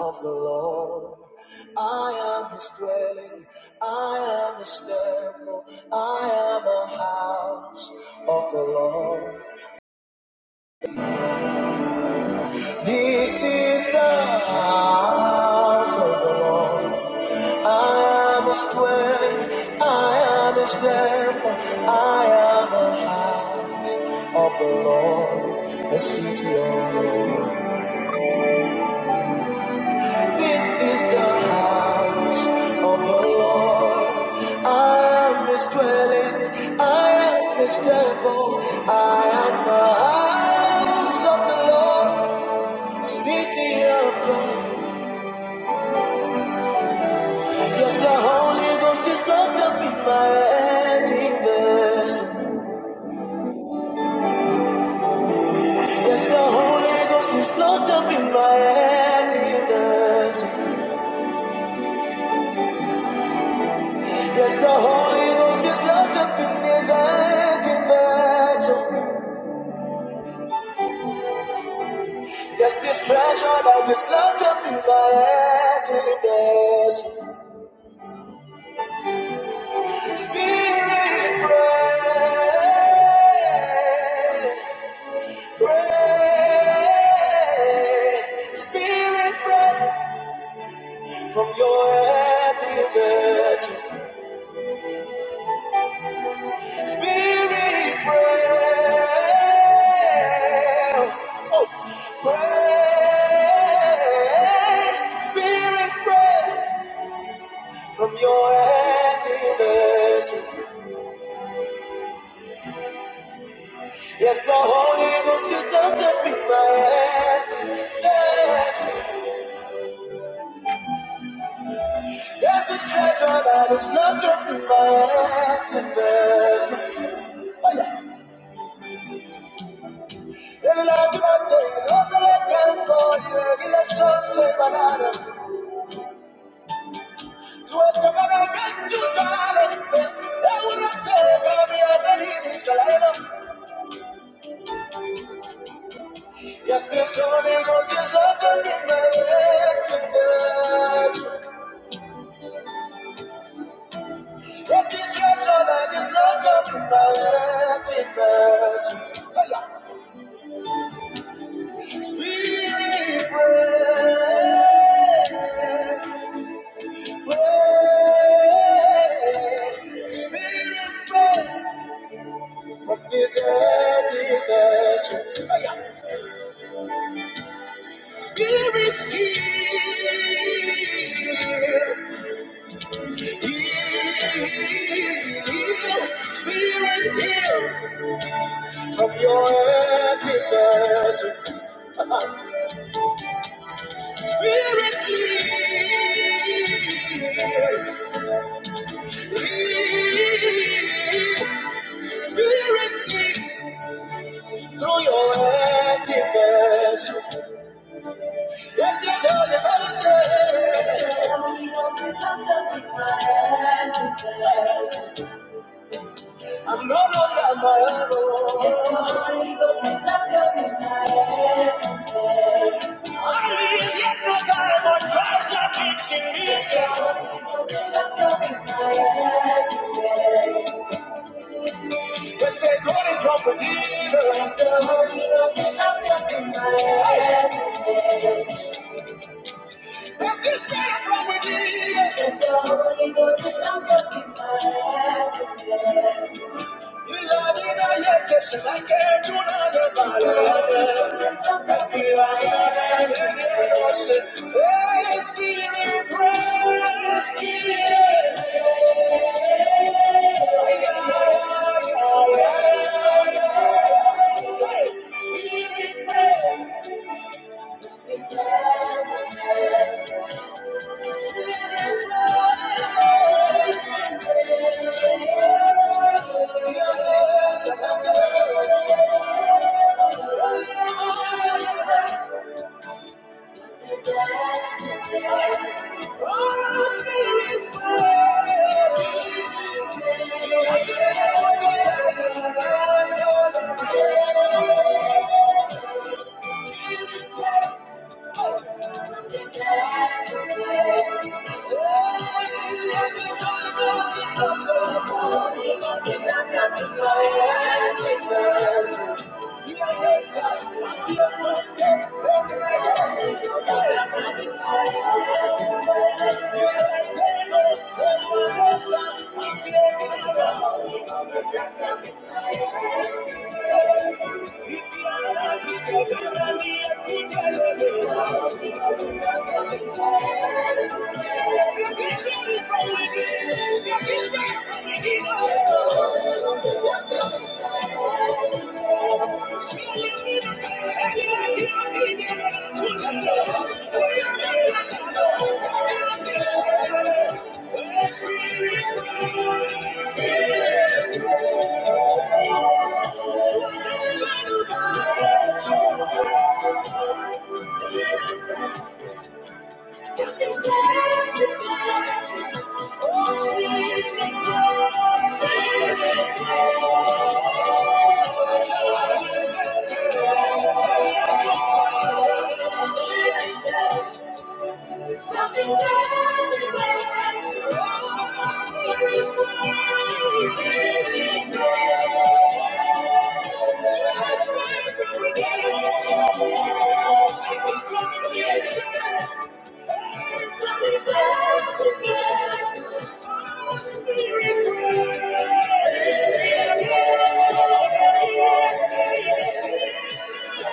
of the Lord. I am his dwelling, I am his temple, I am a house of the Lord. This is the house of the Lord. I am his dwelling, I am his temple, I am a house of the Lord, a city of the Lord. This is the house of the Lord. I am his dwelling. I am his temple. I am the house of the Lord. City of God. Yes, the Holy Ghost is not up in my antithesis. Yes, the Holy Ghost is not up in my antithesis. Yes, the Holy Ghost is not up in his antithesis. There's this treasure that is locked up in my emptiness. Spirit, pray, pray. Spirit, pray from your emptiness. Spirit, pray. Oh, pray. Spirit, pray from your emptiness. Yes, the Holy Ghost is not to be my hand. Yes, yes, this treasure that is not to be my hand. Yes, oh yeah. in El atrante, no te le canto, y le son separado. Tu escapara que tu would not take te cambia de this salero. Yes, this Holy Ghost is not to be my hand. Yes. Take this treasure that is not talking about emptiness. Spirit, pray, pray. Spirit, pray from this emptiness. Spirit, heal, heal. Spirit, heal from your emptiness. Spirit, through your activation. Let's get your devotion. I'm no longer on my own. Yes, the Holy Ghost has left up in my hands. and hands. I live yet no time, but Christ life lives in me. Yes, the Holy Ghost has left up in my hands. Yes, they on it from within. Yes, the Holy Ghost has left up in my hands. Yes, this spirit from within. Yes, the Holy Ghost has left up in my hands and hands. Yeah. Thank you. Thank you. Spirit, Spirit, Thank you. spirit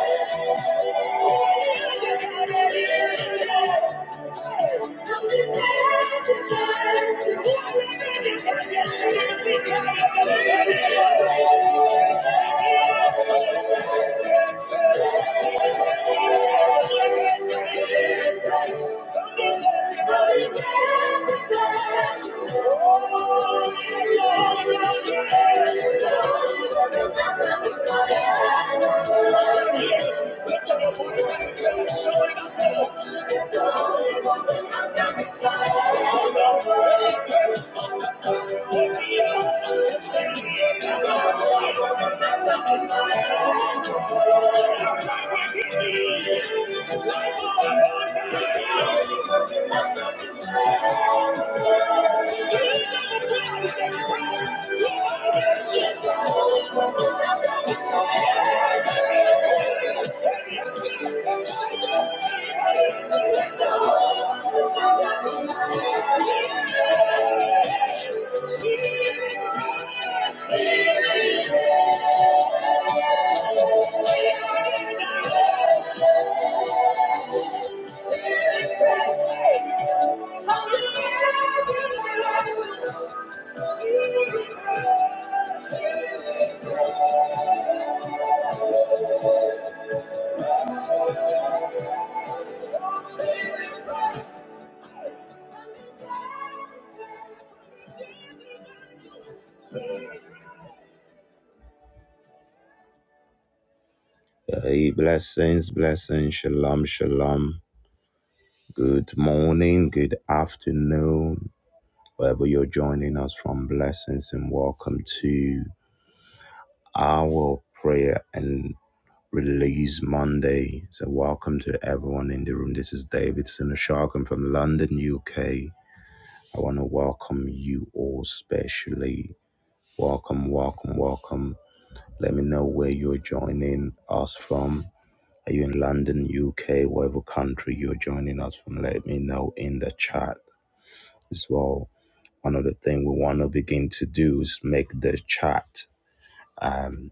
you. Thank you. Thank you. Thank you. Hey, blessings, blessings, shalom, shalom. Good morning, good afternoon, wherever you're joining us from. Blessings and welcome to our prayer and release Monday. So, welcome to everyone in the room. This is David Sinoshagan from London, UK. I want to welcome you all, specially. Welcome, welcome, welcome. Let me know where you're joining us from. Are you in London, UK, whatever country you're joining us from? Let me know in the chat as well Another thing we want to begin to do is make the chat um,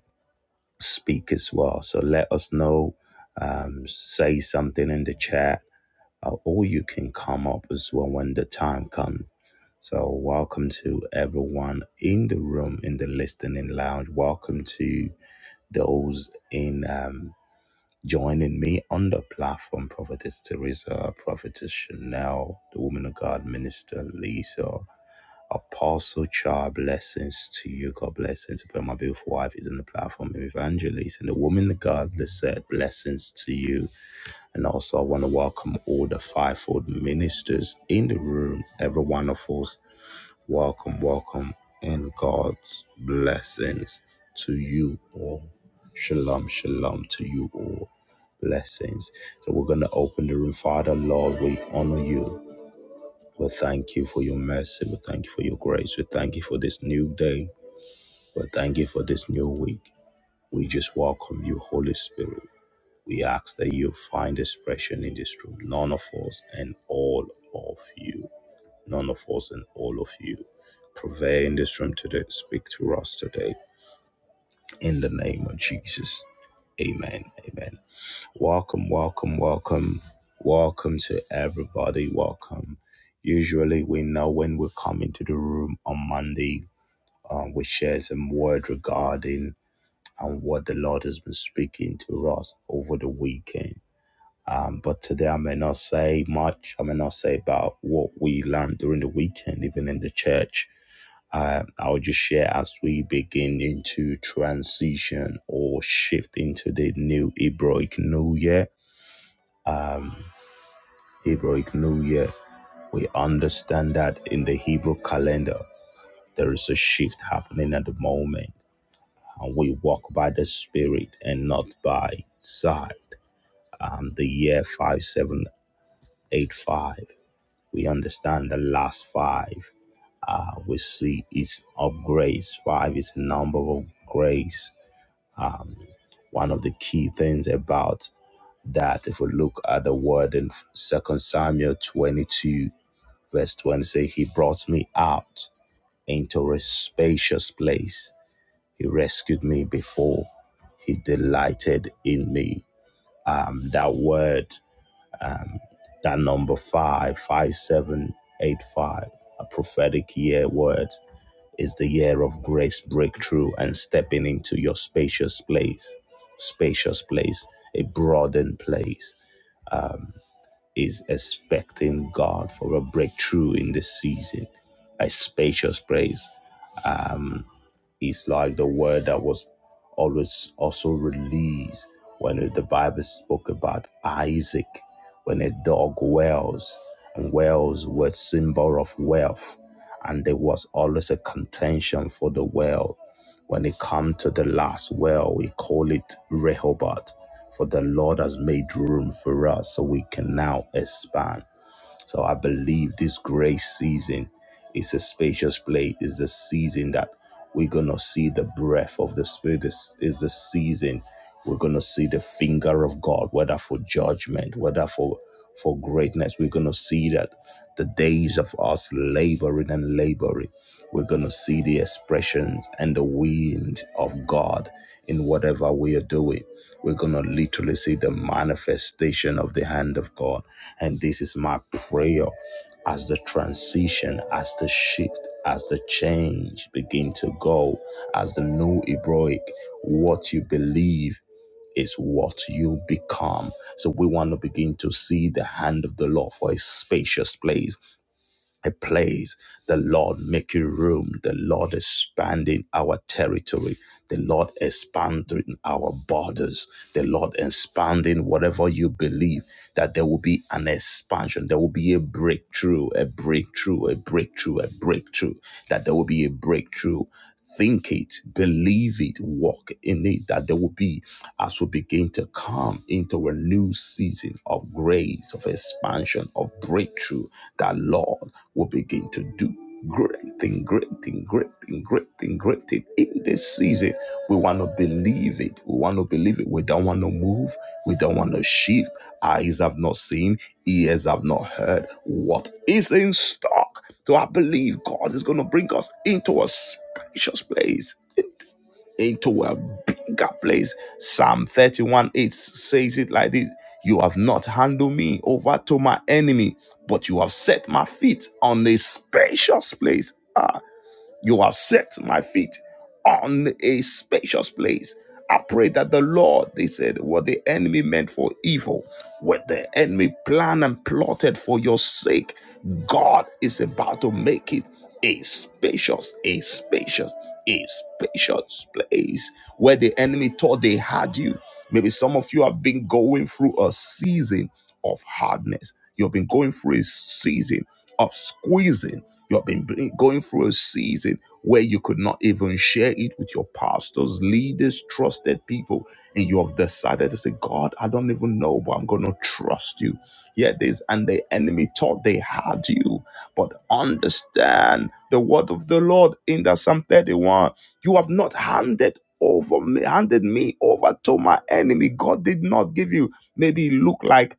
speak as well. So let us know, um, say something in the chat, uh, or you can come up as well when the time comes. So, welcome to everyone in the room in the listening lounge. Welcome to those in um, joining me on the platform Prophetess Teresa, Prophetess Chanel, the Woman of God Minister Lisa, Apostle Char, blessings to you. God blessings. But my beautiful wife is on the platform, Evangelist. And the woman, the God that said, blessings to you. And also, I want to welcome all the fivefold ministers in the room. Every one of us, welcome, welcome, and God's blessings to you all. Shalom, shalom to you all. Blessings. So we're going to open the room. Father, Lord, we honor you. We thank you for your mercy. We thank you for your grace. We thank you for this new day. We thank you for this new week. We just welcome you, Holy Spirit. We ask that you find expression in this room. None of us and all of you. None of us and all of you. Prevail in this room today. Speak to us today. In the name of Jesus. Amen. Amen. Welcome, welcome, welcome, welcome to everybody. Welcome. Usually, we know when we come into the room on Monday, um, we share some word regarding and what the Lord has been speaking to us over the weekend. Um, but today, I may not say much. I may not say about what we learned during the weekend, even in the church. Uh, I'll just share as we begin into transition or shift into the new Hebraic New Year Hebraic New Year. We understand that in the Hebrew calendar, there is a shift happening at the moment. And we walk by the Spirit and not by sight. Um, the year 5785, we understand the last five. Uh, we see is of grace. Five is a number of grace. Um, one of the key things about that, if we look at the word in Second Samuel 22, Verse 26 He brought me out into a spacious place. He rescued me before He delighted in me. Um, that word, that number five, five, seven, eight, five, a prophetic year word is the year of grace breakthrough and stepping into your spacious place. Spacious place, a broadened place, is expecting God for a breakthrough in this season. A spacious place. um. It's like the word that was always also released when the Bible spoke about Isaac, when a dog wails, and wells were symbol of wealth, and there was always a contention for the well. When it come to the last well, we call it Rehoboth, for the Lord has made room for us so we can now expand. So I believe this grace season is a spacious place, is the season that we're gonna see the breath of the spirit. This is the season we're gonna see the finger of God, whether for judgment, whether for for greatness. We're gonna see that the days of us laboring and laboring. We're gonna see see the expressions and the wind of God in whatever we are doing. We're going to literally see the manifestation of the hand of God. And this is my prayer as the transition, as the shift, as the change begin to go, as the new Hebraic, what you believe is what you become. So we want to begin to see the hand of the Lord for a spacious place a place. The Lord making room. The Lord expanding our territory. The Lord expanding our borders. The Lord expanding whatever you believe that there will be an expansion. There will be a breakthrough, a breakthrough, a breakthrough, a breakthrough. That there will be a breakthrough. Think it, believe it, walk in it, that there will be, as we begin to come into a new season of grace, of expansion, of breakthrough, that Lord will begin to do great thing, great thing, great thing, great thing, great thing in this season, we want to believe it. We want to believe it. We don't want to move. We don't want to shift. Eyes have not seen, ears have not heard what is in stock. So I believe God is going to bring us into a spacious place, into a bigger place. Psalm 31 8 says it like this You have not handed me over to my enemy, but you have set my feet on a spacious place. Ah, you have set my feet on a spacious place. I pray that the Lord, they said, what the enemy meant for evil, what the enemy planned and plotted for your sake, God is about to make it a spacious, a spacious, a spacious place where the enemy thought they had you. Maybe some of you have been going through a season of hardness. You've been going through a season of squeezing you have been bring- going through a season where you could not even share it with your pastors, leaders, trusted people, and you have decided to say, God, I don't even know, but I'm going to trust you. Here it is. And the enemy thought they had you, but understand the word of the Lord in the Psalm 31. You have not handed over me, handed me over to my enemy. God did not give you. Maybe it looked like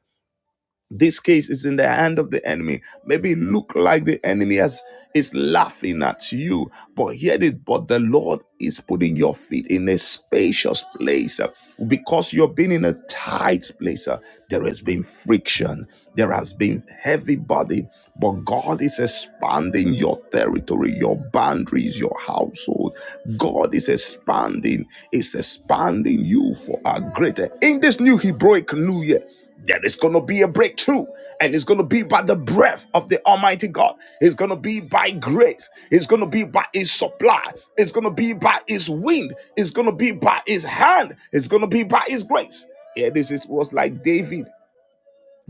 this case is in the hand of the enemy. Maybe it look like the enemy has, is laughing at you, but hear this. But the Lord is putting your feet in a spacious place uh, because you've been in a tight place. uh, There has been friction, there has been heavy body, but God is expanding your territory, your boundaries, your household. God is expanding, is expanding you for a greater. In this new Hebraic New Year, there is going to be a breakthrough, and it's going to be by the breath of the Almighty God. It's going to be by grace. It's going to be by His supply. It's going to be by His wind. It's going to be by His hand. It's going to be by His grace. Yeah, this is, was like David.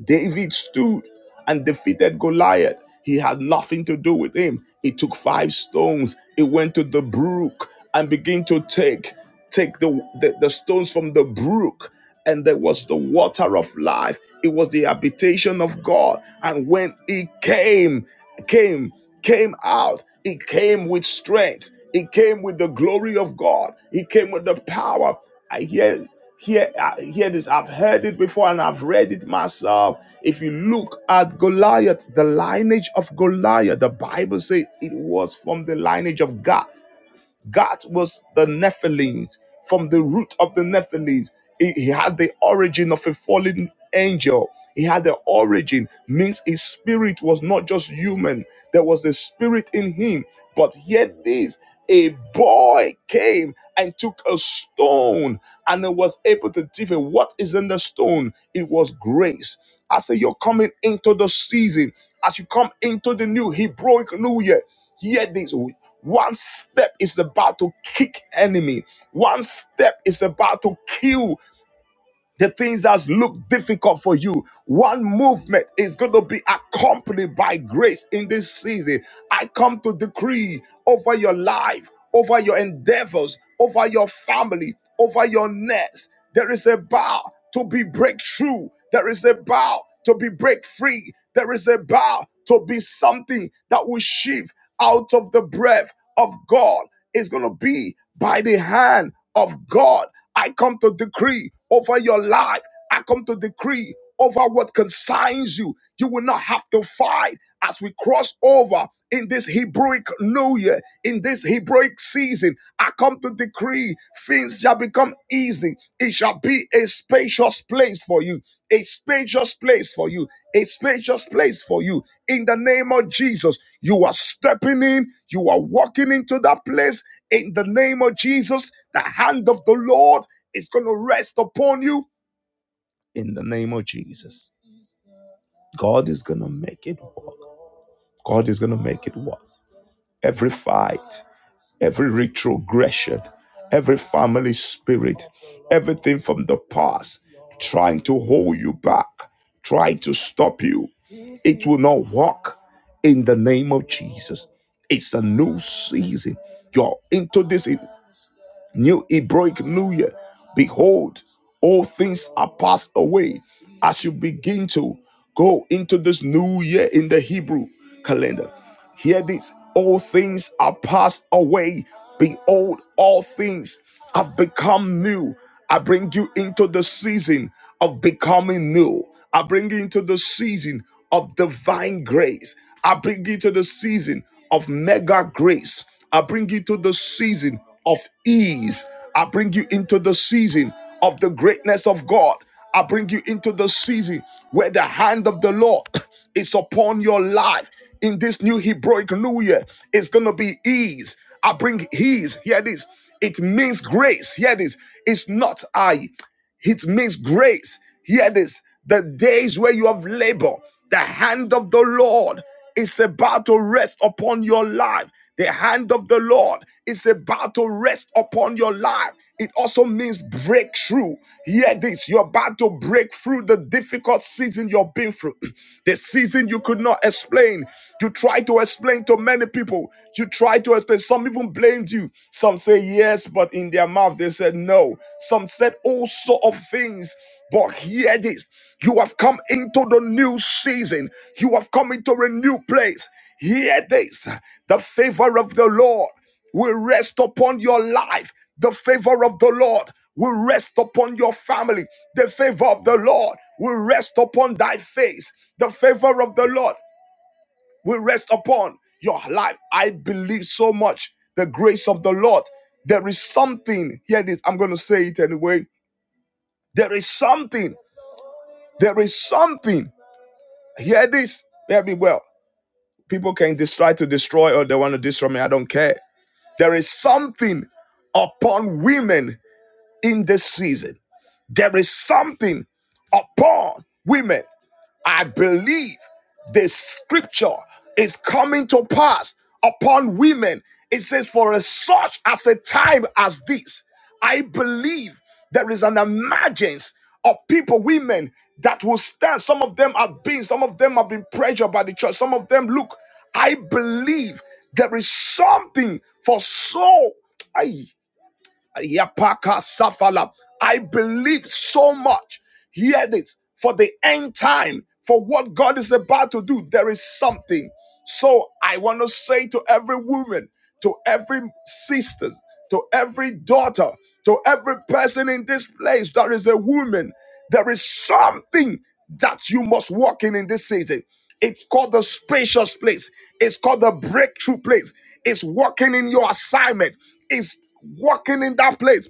David stood and defeated Goliath. He had nothing to do with him. He took five stones. He went to the brook and began to take take the, the, the stones from the brook. And there was the water of life. It was the habitation of God. And when he came, came, came out, he came with strength. He came with the glory of God. He came with the power. I hear. Hear, uh, hear this. I've heard it before and I've read it myself. If you look at Goliath, the lineage of Goliath, the Bible says it was from the lineage of Gath. God was the Nephilims. From the root of the Nephilims, he, he had the origin of a fallen angel. He had the origin, means his spirit was not just human. There was a spirit in him. But yet this, a boy came and took a stone and it was able to give him what is in the stone. It was grace. I say you're coming into the season. As you come into the new Hebrew New year, Hear this. One step is about to kick enemy. One step is about to kill the things that look difficult for you. One movement is going to be accompanied by grace in this season. I come to decree over your life, over your endeavors, over your family, over your nest. There is a bow to be breakthrough. There is a bow to be break free. There is a bow to be something that will shift out of the breath of God is going to be by the hand of God. I come to decree over your life. I come to decree over what concerns you. You will not have to fight as we cross over in this Hebraic New Year, in this Hebraic season. I come to decree things shall become easy. It shall be a spacious place for you a spacious place for you, a spacious place for you. In the name of Jesus, you are stepping in, you are walking into that place. In the name of Jesus, the hand of the Lord is going to rest upon you. In the name of Jesus, God is going to make it work. God is going to make it work. Every fight, every retrogression, every family spirit, everything from the past trying to hold you back, trying to stop you. It will not work in the name of Jesus. It's a new season. You're into this. New Hebraic New Year. Behold, all things are passed away as you begin to go into this new year in the Hebrew calendar. Hear this all things are passed away. Behold, all things have become new. I bring you into the season of becoming new. I bring you into the season of divine grace. I bring you to the season of mega grace. I bring you to the season of ease. I bring you into the season of the greatness of God. I bring you into the season where the hand of the Lord is upon your life. In this new Hebraic New Year, it's going to be ease. I bring ease. Here it is. It means grace. Here it is. It's not I it means grace. Hear this the days where you have labor, the hand of the Lord is about to rest upon your life. The hand of the Lord is about to rest upon your life. It also means breakthrough. Hear this you're about to break through the difficult season you've been through, the season you could not explain. You try to explain to many people, you try to explain. Some even blamed you. Some say yes, but in their mouth they said no. Some said all sort of things. But hear this you have come into the new season, you have come into a new place. Hear this the favor of the Lord will rest upon your life. The favor of the Lord will rest upon your family. The favor of the Lord will rest upon thy face. The favor of the Lord will rest upon your life. I believe so much the grace of the Lord. There is something, hear this, I'm going to say it anyway. There is something, there is something. Hear this, hear me well. People can just try to destroy or they want to destroy me, I don't care. There is something upon women in this season. There is something upon women I believe this scripture is coming to pass upon women. It says, For as such as a time as this, I believe there is an emergence of people, women that will stand. Some of them have been, some of them have been pressured by the church. Some of them, look, I believe there is something for so. I. Yapaka Safala. I believe so much. Hear this for the end time, for what God is about to do, there is something. So I want to say to every woman, to every sister, to every daughter, to every person in this place, there is a woman. There is something that you must walk in in this season. It's called the spacious place. It's called the breakthrough place. It's walking in your assignment. It's walking in that place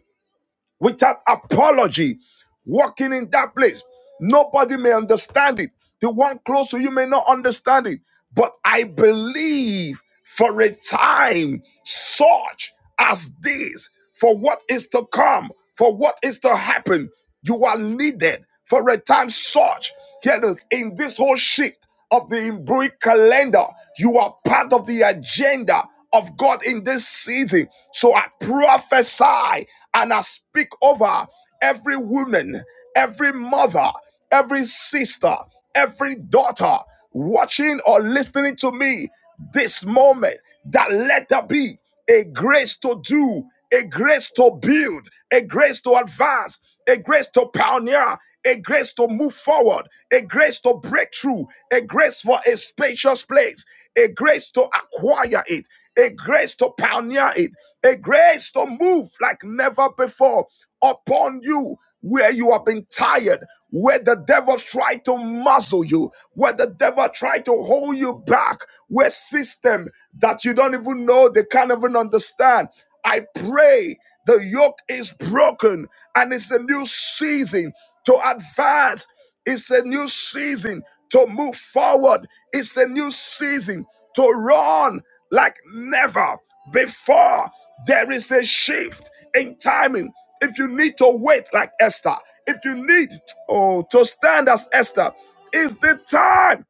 without apology, walking in that place. Nobody may understand it. The one close to you may not understand it. But I believe for a time such as this, for what is to come, for what is to happen, you are needed for a time such. Here it is in this whole shift of the Hebrew calendar. You are part of the agenda of God in this season. So I prophesy and I speak over every woman, every mother, every sister, every daughter watching or listening to me this moment that let there be a grace to do, a grace to build, a grace to advance, a grace to pioneer, a grace to move forward, a grace to break through, a grace for a spacious place, a grace to acquire it, a grace to pioneer it, a grace to move like never before upon you where you have been tired, where the devil tried to muzzle you, where the devil tried to hold you back, where system that you don't even know, they can't even understand. I pray the yoke is broken and it's a new season to advance. It's a new season to move forward. It's a new season to run like never before. There is a shift in timing. If you need to wait like Esther, if you need oh, to stand as Esther, is the time.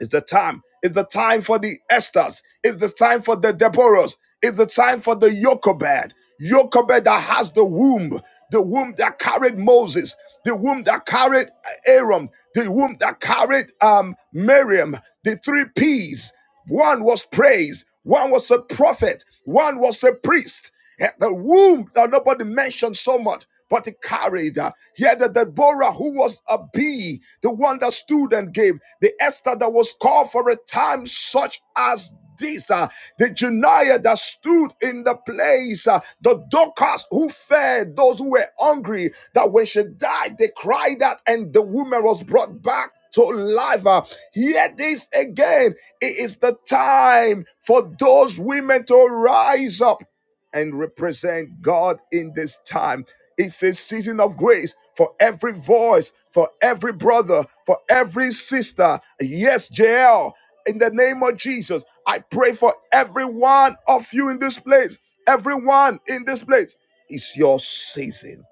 Is the time. Is the time for the Esthers. Is the time for the Deborahs. Is the time for the Jochebed. Jochebed that has the womb, the womb that carried Moses, the womb that carried Aaron, the womb that carried um, Miriam, the three P's. One was praise, one was a prophet, one was a priest. Eh, The womb that nobody mentioned so much, but he carried. uh, He had the Deborah who was a bee, the one that stood and gave, the Esther that was called for a time such as this, uh, the Janiah that stood in the place, uh, the Dorcas who fed those who were hungry, that when she died, they cried out and the woman was brought back to life. Uh, hear this again. It is the time for those women to rise up and represent God in this time. It's a season of grace for every voice, for every brother, for every sister. Yes, JL, in the name of Jesus, I pray for every one of you in this place. Everyone in this place. It's your season.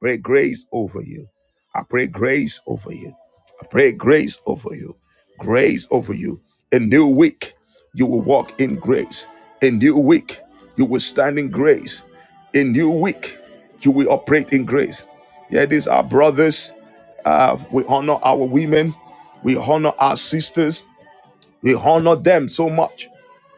Pray grace over you. I pray grace over you. I pray grace over you. Grace over you. A new week, you will walk in grace. A new week, you will stand in grace. A new week, you will operate in grace. Yeah, these are brothers. Uh, we honor our women. We honor our sisters. They honored them so much.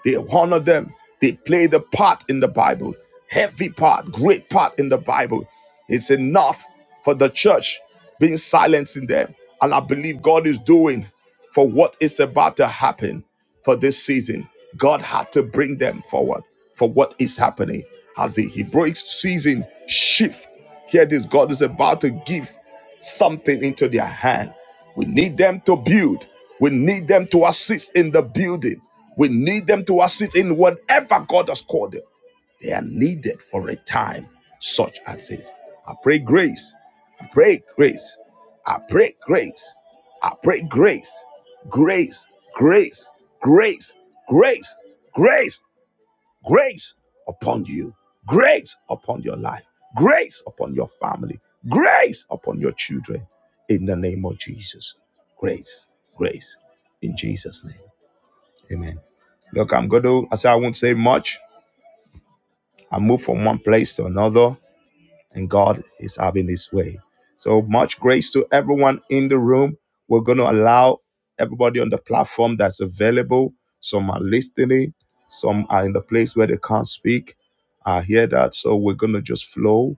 They honored them. They played a part in the Bible, heavy part, great part in the Bible. It's enough for the church being silencing them. And I believe God is doing for what is about to happen for this season. God had to bring them forward for what is happening as the Hebraic season shift. Hear this God is about to give something into their hand. We need them to build. We need them to assist in the building. We need them to assist in whatever God has called them. They are needed for a time such as this. I pray grace. I pray grace. I pray grace. I pray grace. Grace, grace, grace, grace, grace grace upon you, grace upon your life, grace upon your family, grace upon your children. In the name of Jesus, grace, grace, in Jesus' name. Amen. Look, I'm going to, I say I won't say much. I move from one place to another and God is having his way. So much grace to everyone in the room. We're going to allow everybody on the platform that's available. Some are listening, some are in the place where they can't speak. I hear that. So we're going to just flow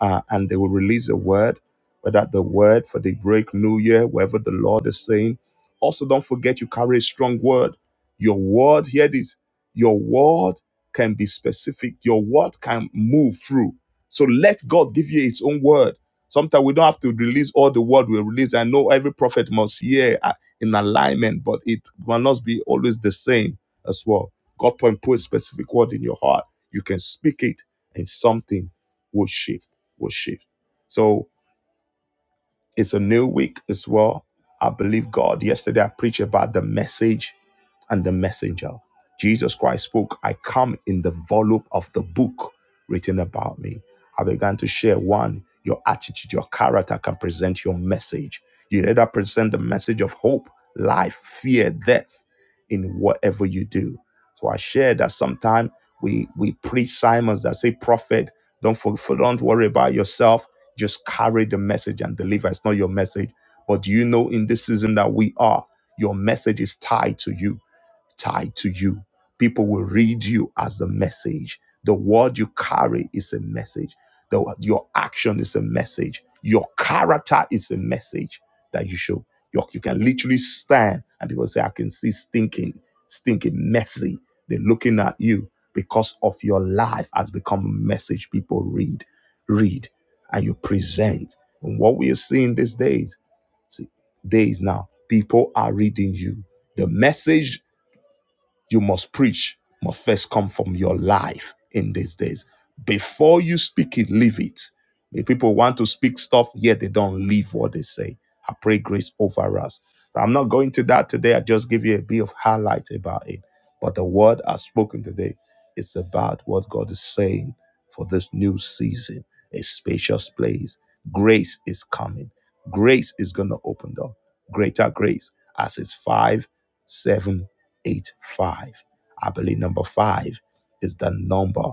uh, and they will release a word, whether the word for the break, New Year, whatever the Lord is saying. Also, don't forget you carry a strong word. Your word, hear this, your word can be specific, your word can move through. So let God give you its own word. Sometimes we don't have to release all the word we release. I know every prophet must hear uh, in alignment, but it must not be always the same as well. God can put a specific word in your heart. You can speak it and something will shift, will shift. So it's a new week as well. I believe God. Yesterday I preached about the message and the messenger. Jesus Christ spoke, I come in the volume of the book written about me. I began to share one, your attitude, your character can present your message. You either present the message of hope, life, fear, death in whatever you do. So I shared that sometimes we we preach Simons that say, Prophet, don't for, for- don't worry about yourself. Just carry the message and deliver. It's not your message. But do you know in this season that we are, your message is tied to you tied to you. People will read you as the message. The word you carry is a message. The, your action is a message. Your character is a message that you show. You, you can literally stand and people say, I can see stinking, stinking, messy. They're looking at you because of your life has become a message people read, read, and you present. And what we are seeing these days, days now, people are reading you the message you must preach must first come from your life in these days. Before you speak it, live it. The people want to speak stuff, yet they don't live what they say. I pray grace over us. I'm not going to that today. I just give you a bit of highlight about it. But the word I've spoken today it's about what God is saying for this new season a spacious place. Grace is coming. Grace is going to open door. Greater grace as it's five, seven, eight, five. I believe number five is the number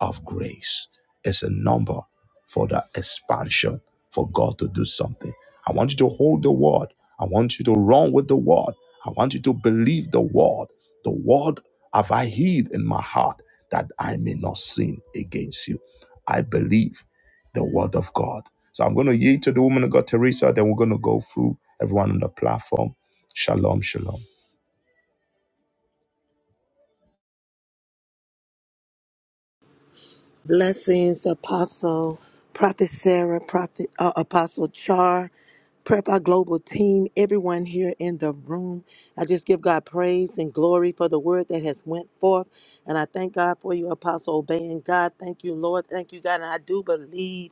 of grace. It's a number for the expansion for God to do something. I want you to hold the word. I want you to run with the word. I want you to believe the word. The word have I hid in my heart that I may not sin against you. I believe the word of God. So I'm going to yield to the woman of God, Teresa. Then we're going to go through everyone on the platform. Shalom, shalom. Blessings, Apostle, Prophet Sarah, Prophet uh, Apostle Char, Prayer Fire Global Team, everyone here in the room. I just give God praise and glory for the word that has went forth, and I thank God for you, Apostle, obeying God. Thank you, Lord. Thank you, God. And I do believe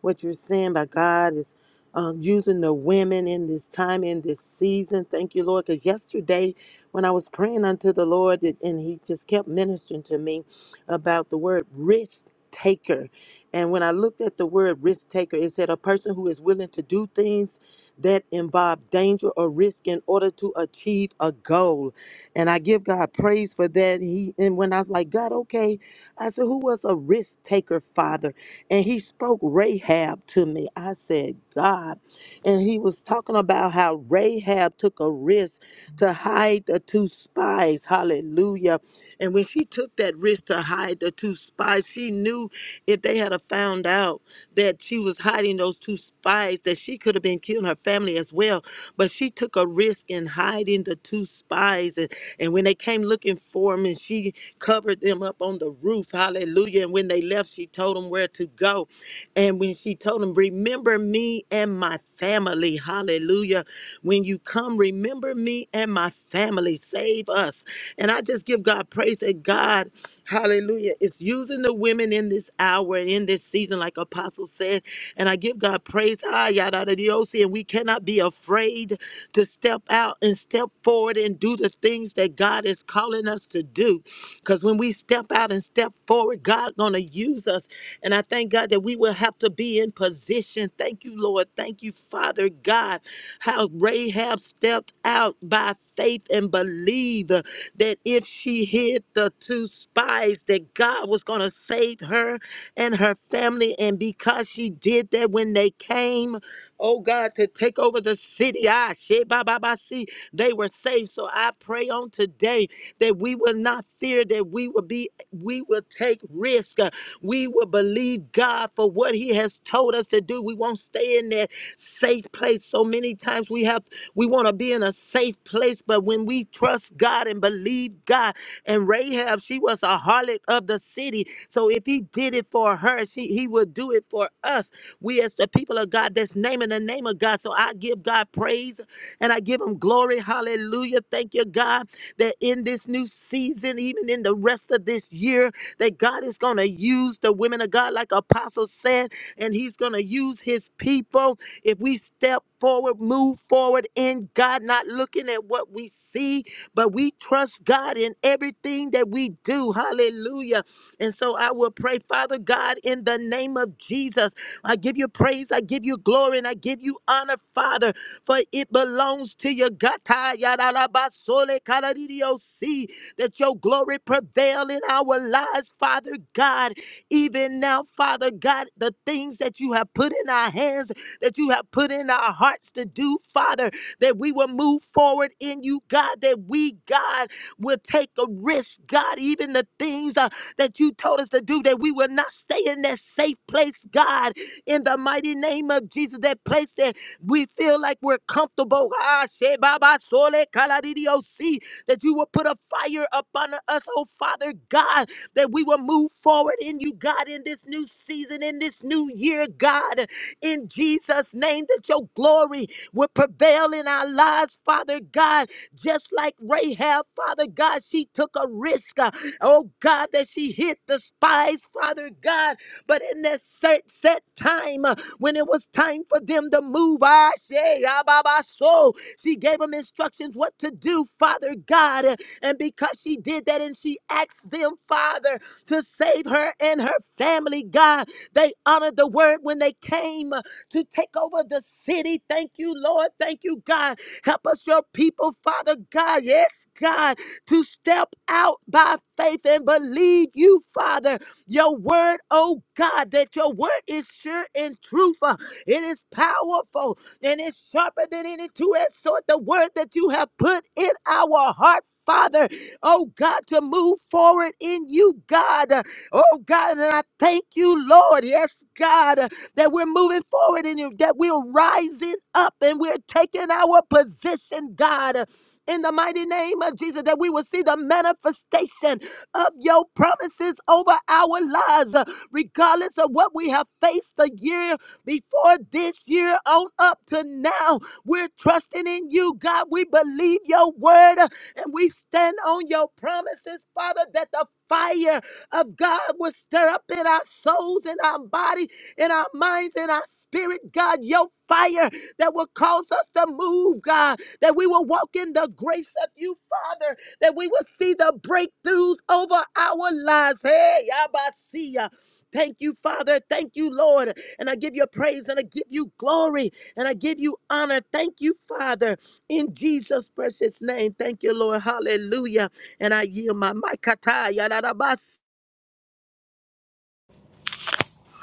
what you're saying, but God is um, using the women in this time, in this season. Thank you, Lord, because yesterday when I was praying unto the Lord, it- and He just kept ministering to me about the word risk taker. And when I looked at the word risk taker, it said a person who is willing to do things that involve danger or risk in order to achieve a goal. And I give God praise for that. He and when I was like, God, okay, I said, Who was a risk taker, Father? And he spoke Rahab to me. I said, God. And he was talking about how Rahab took a risk to hide the two spies. Hallelujah and when she took that risk to hide the two spies, she knew if they had a found out, that she was hiding those two spies, that she could have been killing her family as well. But she took a risk in hiding the two spies. And, and when they came looking for him, and she covered them up on the roof, hallelujah. And when they left, she told them where to go. And when she told them, Remember me and my family, hallelujah. When you come, remember me and my family, save us. And I just give God praise that God. Hallelujah. It's using the women in this hour and in this season, like Apostle said. And I give God praise. Ah, yada, yada, yada, And we cannot be afraid to step out and step forward and do the things that God is calling us to do. Because when we step out and step forward, Lord God going to use us. And I thank God that we will have to be in position. Thank you, Lord. Thank you, Father God, how Rahab stepped out by faith and believed uh, that if she hid the two spies, that God was going to save her and her family. And because she did that when they came, oh God, to take over the city, ah, shit, ba, ba, ba, see, they were saved. So I pray on today that we will not fear, that we will be we will take risk. Uh, We will believe God for what He has told us to do. We won't stay in that safe place. So many times we have we want to be in a safe place, but when we trust God and believe God, and Rahab, she was a harlot of the city. So if He did it for her, she, He would do it for us. We as the people of God that's naming the name of God. So I give God praise. And I give him glory. Hallelujah. Thank you, God, that in this new season, even in the rest of this year, that God is going to use the women of God, like Apostle said, and he's going to use his people. If we step forward, move forward in God, not looking at what we see, but we trust God in everything that we do. Hallelujah. And so I will pray, Father God, in the name of Jesus. I give you praise, I give you glory, and I give you honor, Father, for it belongs to you. Gata yadarabasole kaladidiyosi, That your glory prevail in our lives, Father God. Even now, Father God, the things that you have put in our hands, that you have put in our hearts to do, Father, that we will move forward in you, God, that we, God, We'll take a risk, God, even the things uh, that you told us to do, that we will not stay in that safe place, God, in the mighty name of Jesus, that place that we feel like we're comfortable. Ah, she baba sole kaladidio si, That you will put a fire upon us, oh Father God, that we will move forward in you, God, in this new season, in this new year, God, in Jesus' name, that your glory will prevail in our lives, Father God, just like Rahab, Father God, she took a risk. uh, Oh God, that she hit the spies, Father God. But in that set, set time, uh, when it was time for them to move, I say, ah, bah, bah, so she gave them instructions what to do, Father God. uh, And because she did that and she asked them, Father, to save her and her family, God, they honored the word when they came uh, to take over the city. Thank you, Lord. Thank you, God Help us, your people, Father God. Yes, God, to step out by faith and believe you, Father. Your word, oh God, that your word is sure and truthful. It is powerful and it's sharper than any two-edged sword. The word that you have put in our heart. Father, oh God, to move forward in you, God. Oh God, and I thank you, Lord. Yes, God that we're moving forward and you- that we're rising up and we're taking our position, God. In the mighty name of Jesus, that we will see the manifestation of your promises over our lives, uh, regardless of what we have faced the year before this year on up to now. We're trusting in you, God. We believe your word uh, and we stand on your promises, Father, that the fire of God will stir up in our souls and our bodies in our minds, in our spirit, God, your fire that will cause us to move, God, that we will walk in the grace of you, Father, that we will see the breakthroughs over our lives. Hey, Abasiya. Thank you, Father. Thank you, Lord. And I give you praise and I give you glory and I give you honor. Thank you, Father, in Jesus' precious name. Thank you, Lord. Hallelujah. And I yield my mic.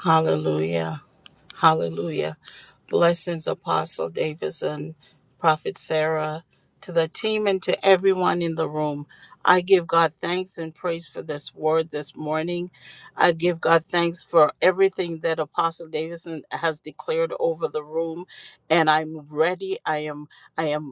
Hallelujah. Hallelujah. Blessings, Apostle Davidson, Prophet Sarah, to the team and to everyone in the room. I give God thanks and praise for this word this morning. I give God thanks for everything that Apostle Davidson has declared over the room. And I'm ready. I am. I am.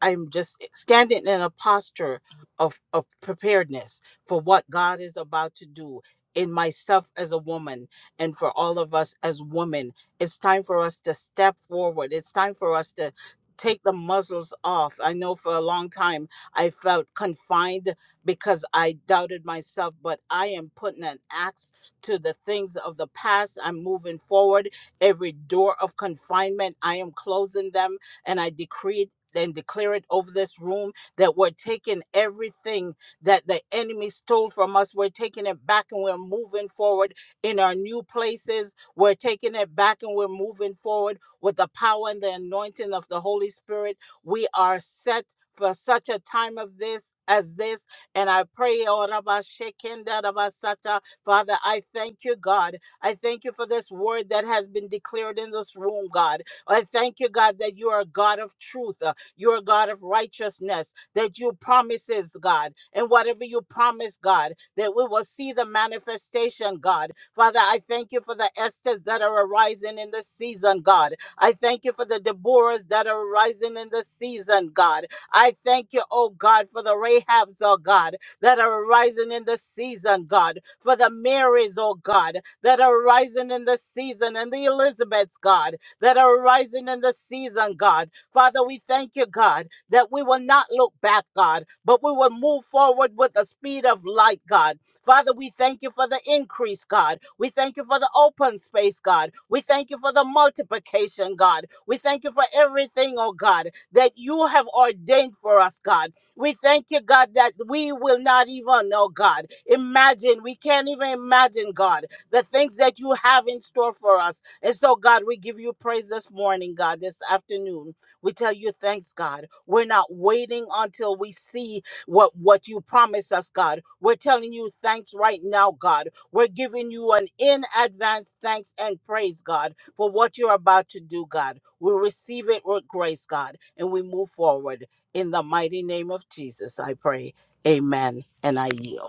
I'm just standing in a posture of, of preparedness for what God is about to do in myself as a woman and for all of us as women. It's time for us to step forward. It's time for us to take the muzzles off. I know for a long time I felt confined because I doubted myself, but I am putting an axe to the things of the past. I'm moving forward. Every door of confinement, I am closing them and I decree and declare it over this room that we're taking everything that the enemy stole from us. We're taking it back and we're moving forward in our new places. We're taking it back and we're moving forward with the power and the anointing of the Holy Spirit. We are set for such a time of this as this. And I pray, oh, Rabba Shekenda, Rabba Sata. Father, I thank you, God. I thank you for this word that has been declared in this room, God. I thank you, God, that you are a God of truth. You're a God of righteousness, that you promises, God, and whatever you promise, God, that we will see the manifestation, God. Father, I thank you for the Esthers that are arising in the season, God. I thank you for the Deborahs that are arising in the season, God. I thank you, oh God, for the Rahabs, oh God, that are arising in the season, God. For the Marys, oh God, that are arising in the season, and the Elizabeths, God, that are arising in the season, God. Father, we thank you, God, that we will not look back, God, but we will move forward with the speed of light, God. Father, we thank you for the increase, God. We thank you for the open space, God. We thank you for the multiplication, God. We thank you for everything, oh God, that you have ordained for us, God. We thank you, God, that we will not even, oh God, imagine. We can't even imagine, God, the things that you have in store for us. And so, God, we give you praise this morning, God, this afternoon. We tell you thanks, God. We're not waiting until we see what, what you promise us, God. We're telling you thanks right now, God. We're giving you an in advance thanks and praise, God, for what you're about to do, God. We receive it with grace, God, and we move forward. In the mighty name of Jesus, I pray. Amen. And I yield.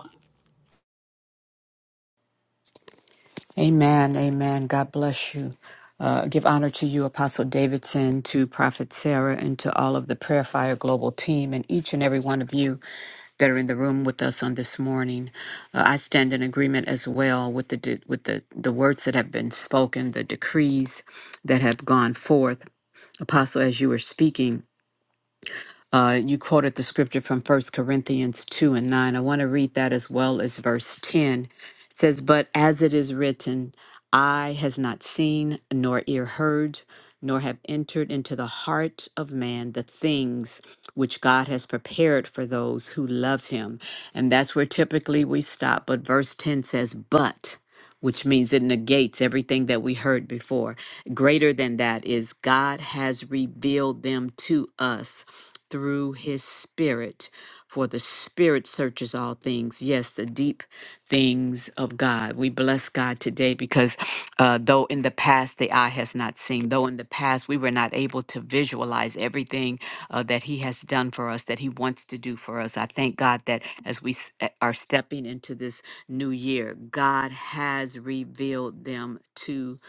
Amen. Amen. God bless you. Uh, give honor to you, Apostle Davidson, to Prophet Sarah, and to all of the Prayer Fire Global team, and each and every one of you that are in the room with us on this morning. Uh, I stand in agreement as well with the de- with the the words that have been spoken, the decrees that have gone forth. Apostle, as you were speaking. Uh, you quoted the scripture from First Corinthians 2 and 9. I want to read that as well as verse 10. It says, But as it is written, eye has not seen, nor ear heard, nor have entered into the heart of man the things which God has prepared for those who love him. And that's where typically we stop. But verse 10 says, But which means it negates everything that we heard before. Greater than that is God has revealed them to us through his spirit. For the spirit searches all things. Yes, the deep things of God. We bless God today because uh, though in the past the eye has not seen, though in the past we were not able to visualize everything uh, that he has done for us, that he wants to do for us, I thank God that as we s- eh, are stepping into this new year. God has revealed them to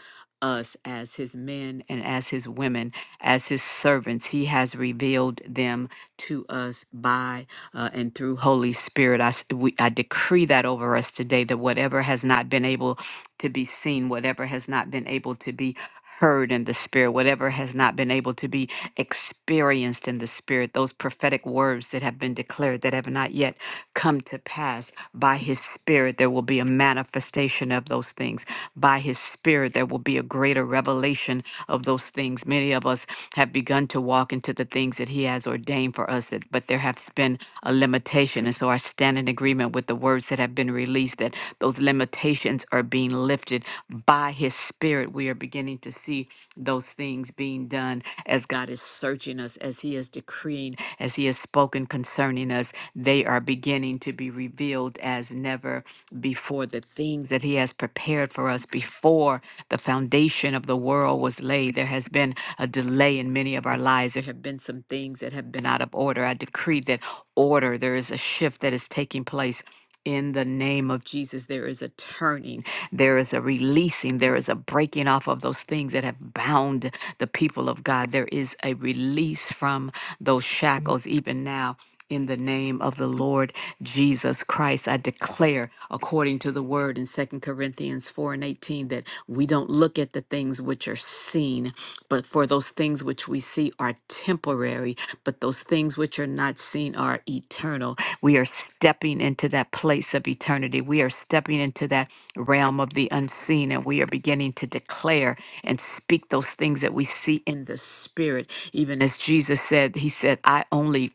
us as his men and as his women, as his servants. He has revealed them to us by uh, and through Holy Spirit. I, s- we, I decree that over us today that whatever has not been able to be seen, whatever has not been able to be heard in the spirit, whatever has not been able to be experienced in the Spirit, those prophetic words that have been declared that have not yet come to pass. By His Spirit, there will be a manifestation of those things. By His Spirit, there will be a greater revelation of those things. Many of us have begun to walk into the things that He has ordained for us, that, but there has been a limitation. And so I stand in agreement with the words that have been released that those limitations limitations are being lifted by His Spirit. We are beginning to see those things being done as God is searching us, as He is decreeing, as He has spoken concerning us. They are beginning to be revealed as never before. The things that He has prepared for us before the foundation of the world was laid. There has been a delay in many of our lives. There have been some things that have been out of order. I decree that order, there is a shift that is taking place in the name of Jesus, there is a turning, there is a releasing, there is a breaking off of those things that have bound the people of God. There is a release from those shackles, even now, in the name of the Lord Jesus Christ. I declare, according to the word in Second Corinthians 4 and 18, that we don't look at the things things which are seen, but for those things which we see are temporary, but those things which are not seen are eternal. We are stepping into that place of eternity. We are stepping into that realm of the unseen, and we are beginning to declare and speak those things that we see in the spirit. Even as Jesus said, He said, I only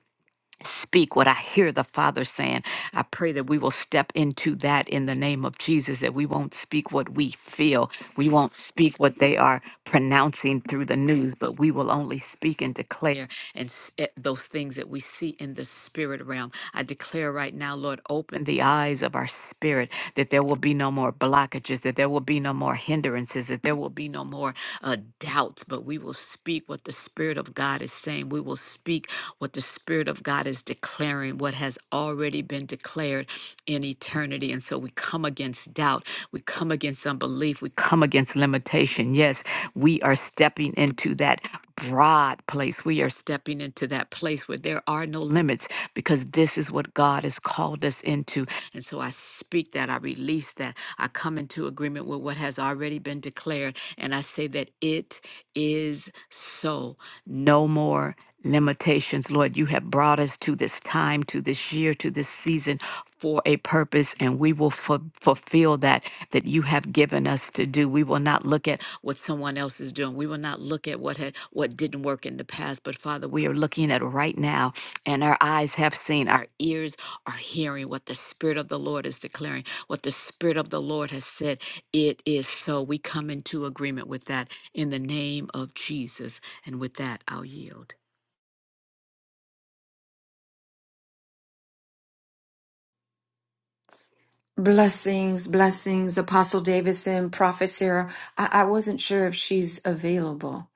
speak what I hear the Father saying. I pray that we will step into that in the name of Jesus, that we won't speak what we feel. We won't speak what they are pronouncing through the news, but we will only speak and declare and s- eh, those things that we see in the spirit realm. I declare right now, Lord, open the eyes of our spirit that there will be no more blockages, that there will be no more hindrances, that there will be no more uh, doubts, but we will speak what the Spirit of God is saying. We will speak what the Spirit of God is declaring, what has already been declared in eternity. And so we come against doubt. We come against unbelief. We come against limitation. Yes, we are stepping into that broad place. We are stepping into that place where there are no limits because this is what God has called us into. And so I speak that, I release that, I come into agreement with what has already been declared, and I say that it is so. No more limitations, Lord. You have brought us to this time, to this year, to this season for a purpose and we will fu- fulfill that that you have given us to do we will not look at what someone else is doing we will not look at what had what didn't work in the past but father we are looking at right now and our eyes have seen our ears are hearing what the spirit of the lord is declaring what the spirit of the lord has said it is so we come into agreement with that in the name of jesus and with that i'll yield Blessings, blessings, Apostle Davidson, Prophet Sarah. I, I wasn't sure if she's available.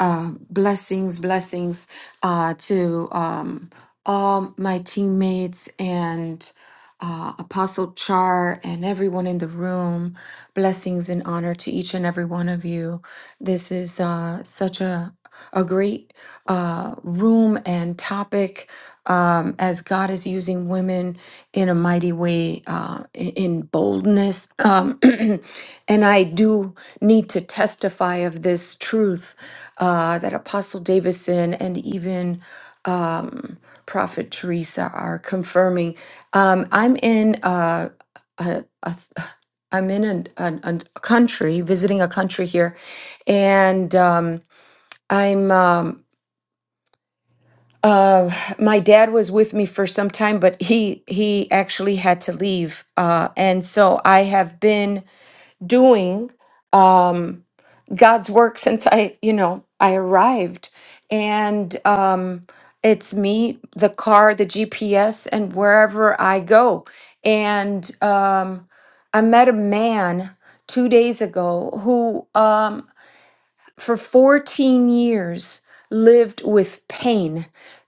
Uh, blessings, blessings uh, to um, all my teammates and uh, Apostle Char and everyone in the room. Blessings and honor to each and every one of you. This is uh, such a a great uh, room and topic um, as God is using women in a mighty way, uh, i- in boldness. Um, and I do need to testify of this truth uh, that Apostle Davison and even um, Prophet Teresa are confirming. Um, I'm in uh, a, a th- I'm in an- an- an- a, country, visiting a country here, and um, I'm. um, uh, my dad was with me for some time, but he he actually had to leave. Uh, and so I have been doing God's work since I, you know, I arrived. And um, it's me, the car, the GPS, and wherever I go. And um, I met a man two days ago who um, for 14 years lived with pain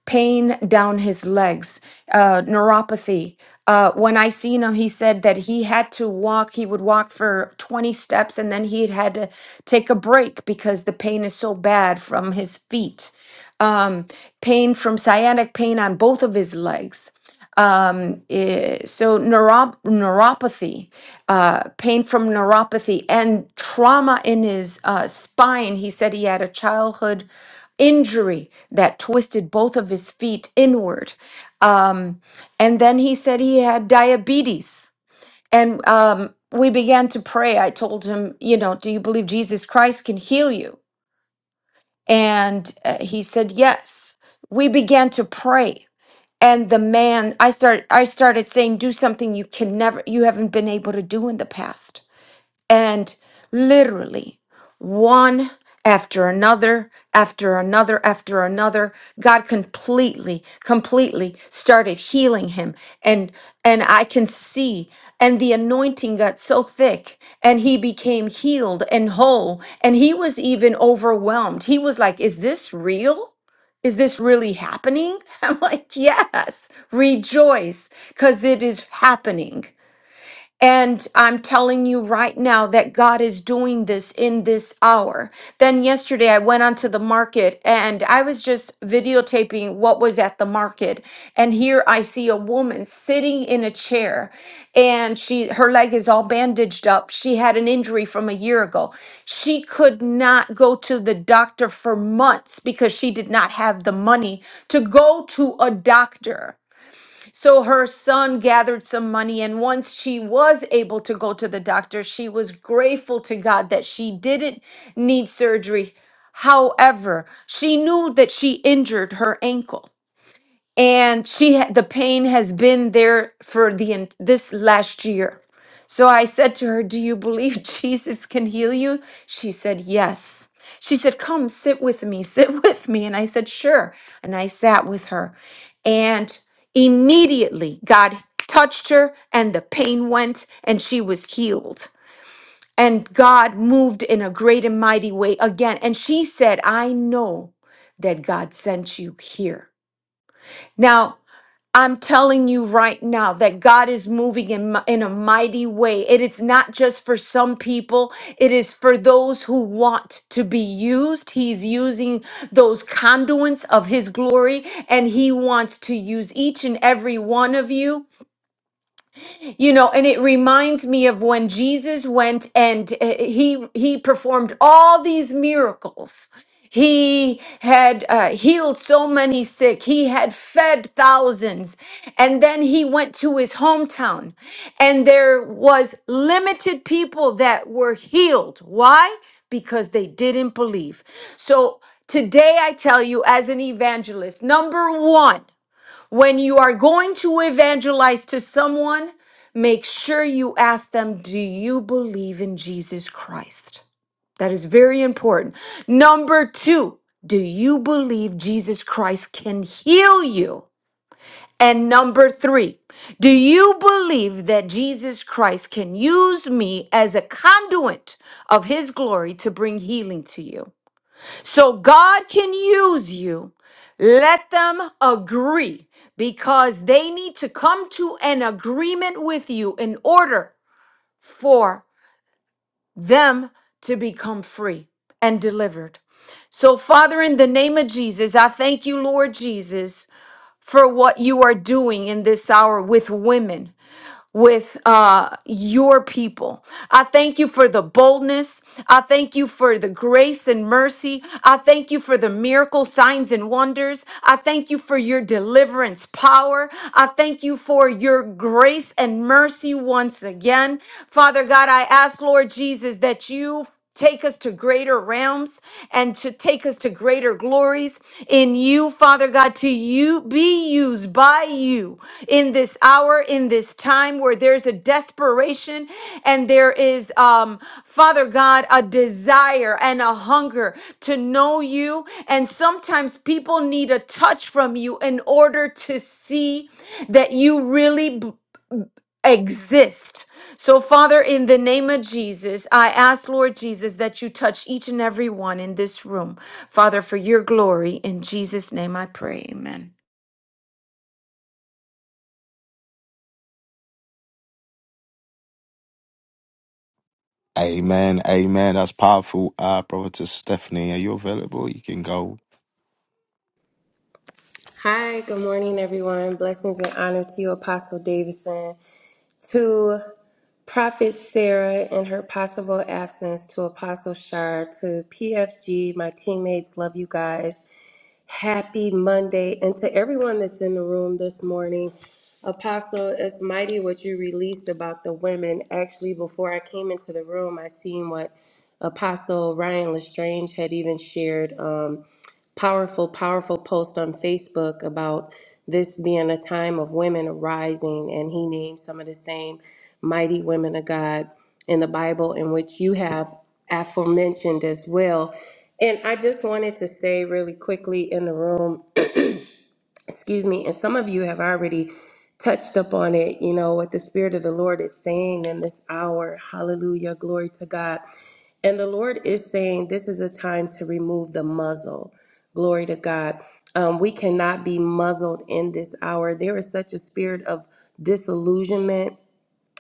pain down his legs uh, neuropathy uh, when i seen him he said that he had to walk he would walk for 20 steps and then he had to take a break because the pain is so bad from his feet um, pain from sciatic pain on both of his legs um, eh, so neurop- neuropathy, uh, pain from neuropathy, and trauma in his uh, spine. He said he had a childhood injury that twisted both of his feet inward. Um, and then he said he had diabetes. And um, we began to pray. I told him, you know, do you believe Jesus Christ can heal you? And uh, he said, yes. We began to pray and the man i start i started saying do something you can never you haven't been able to do in the past and literally, one after another, after another, after another, God completely, completely started healing him. And and I can see, and the anointing got so thick, and he became healed and whole. And he was even overwhelmed. He was like, Is this real? Is this really happening? I'm like, Yes, rejoice, because it is happening. And I'm telling you right now that God is doing this in this hour. Then yesterday I went onto the market and I was just videotaping what was at the market. And here I see a woman sitting in a chair and she her leg is all bandaged up. She had an injury from a year ago. She could not go to the doctor for months because she did not have the money to go to a doctor. So her son gathered some money, and once she was able to go to the doctor, she was grateful to God that she didn't need surgery. However, she knew that she injured her ankle and she ha- the pain has been there for the en- this last year so i said to her do you believe jesus can heal you she said yes she said come sit with me sit with me and i said sure and i sat with her and immediately god touched her and the pain went and she was healed and god moved in a great and mighty way again and she said i know that god sent you here now I'm telling you right now that God is moving in, mi- in a mighty way. It is not just for some people, it is for those who want to be used. He's using those conduits of His glory, and He wants to use each and every one of you. You know, and it reminds me of when Jesus went and uh, he he performed all these miracles. He had uh, healed so many sick. He had fed thousands. And then he went to his hometown and there was limited people that were healed. Why? Because they didn't believe. So today I tell you as an evangelist, number 1, when you are going to evangelize to someone, make sure you ask them, Do you believe in Jesus Christ? That is very important. Number two, do you believe Jesus Christ can heal you? And number three, do you believe that Jesus Christ can use me as a conduit of his glory to bring healing to you? So God can use you. Let them agree because they need to come to an agreement with you in order for them to become free and delivered. So, Father, in the name of Jesus, I thank you, Lord Jesus, for what you are doing in this hour with women with uh, your people. I thank you for the boldness. I thank you for the grace and mercy. I thank you for the miracle signs and wonders. I thank you for your deliverance power. I thank you for your grace and mercy once again. Father God, I ask, Lord Jesus, that you Take us to greater realms and to take us to greater glories in you, Father God, to you be used by you in this hour, in this time where there's a desperation and there is, um, Father God, a desire and a hunger to know you. And sometimes people need a touch from you in order to see that you really exist. So, Father, in the name of Jesus, I ask, Lord Jesus, that you touch each and every one in this room. Father, for your glory, in Jesus' name I pray. Amen. Amen, amen. That's powerful. Uh, Prophetess Stephanie, are you available? You can go. Hi, good morning, everyone. Blessings and honor to you, Apostle Davidson, to Prophet Sarah in her possible absence, to Apostle Shar, to PFG, my teammates, love you guys. Happy Monday. And to everyone that's in the room this morning, Apostle, it's mighty what you released about the women. Actually, before I came into the room, I seen what Apostle Ryan Lestrange had even shared. Um, powerful, powerful post on Facebook about this being a time of women arising, and he named some of the same mighty women of God in the Bible, in which you have aforementioned as well. And I just wanted to say really quickly in the room, excuse me, and some of you have already touched upon it, you know, what the Spirit of the Lord is saying in this hour. Hallelujah, glory to God. And the Lord is saying this is a time to remove the muzzle. Glory to God. Um, we cannot be muzzled in this hour. There is such a spirit of disillusionment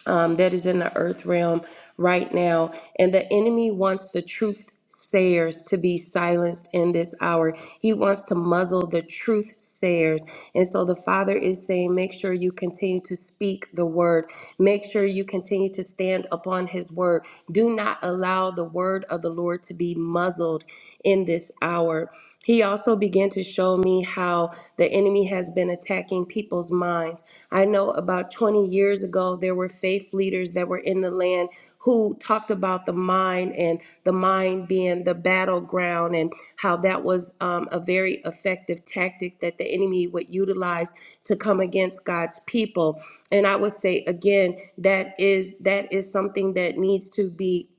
um, that is in the earth realm right now. And the enemy wants the truth sayers to be silenced in this hour. He wants to muzzle the truth sayers. And so the Father is saying, make sure you continue to speak the word. Make sure you continue to stand upon his word. Do not allow the word of the Lord to be muzzled in this hour. He also began to show me how the enemy has been attacking people's minds I know about 20 years ago, there were faith leaders that were in the land who talked about the mind and the mind being the battleground and how that was um, a very effective tactic that the enemy would utilize to come against God's people. And I would say again, that is that is something that needs to be.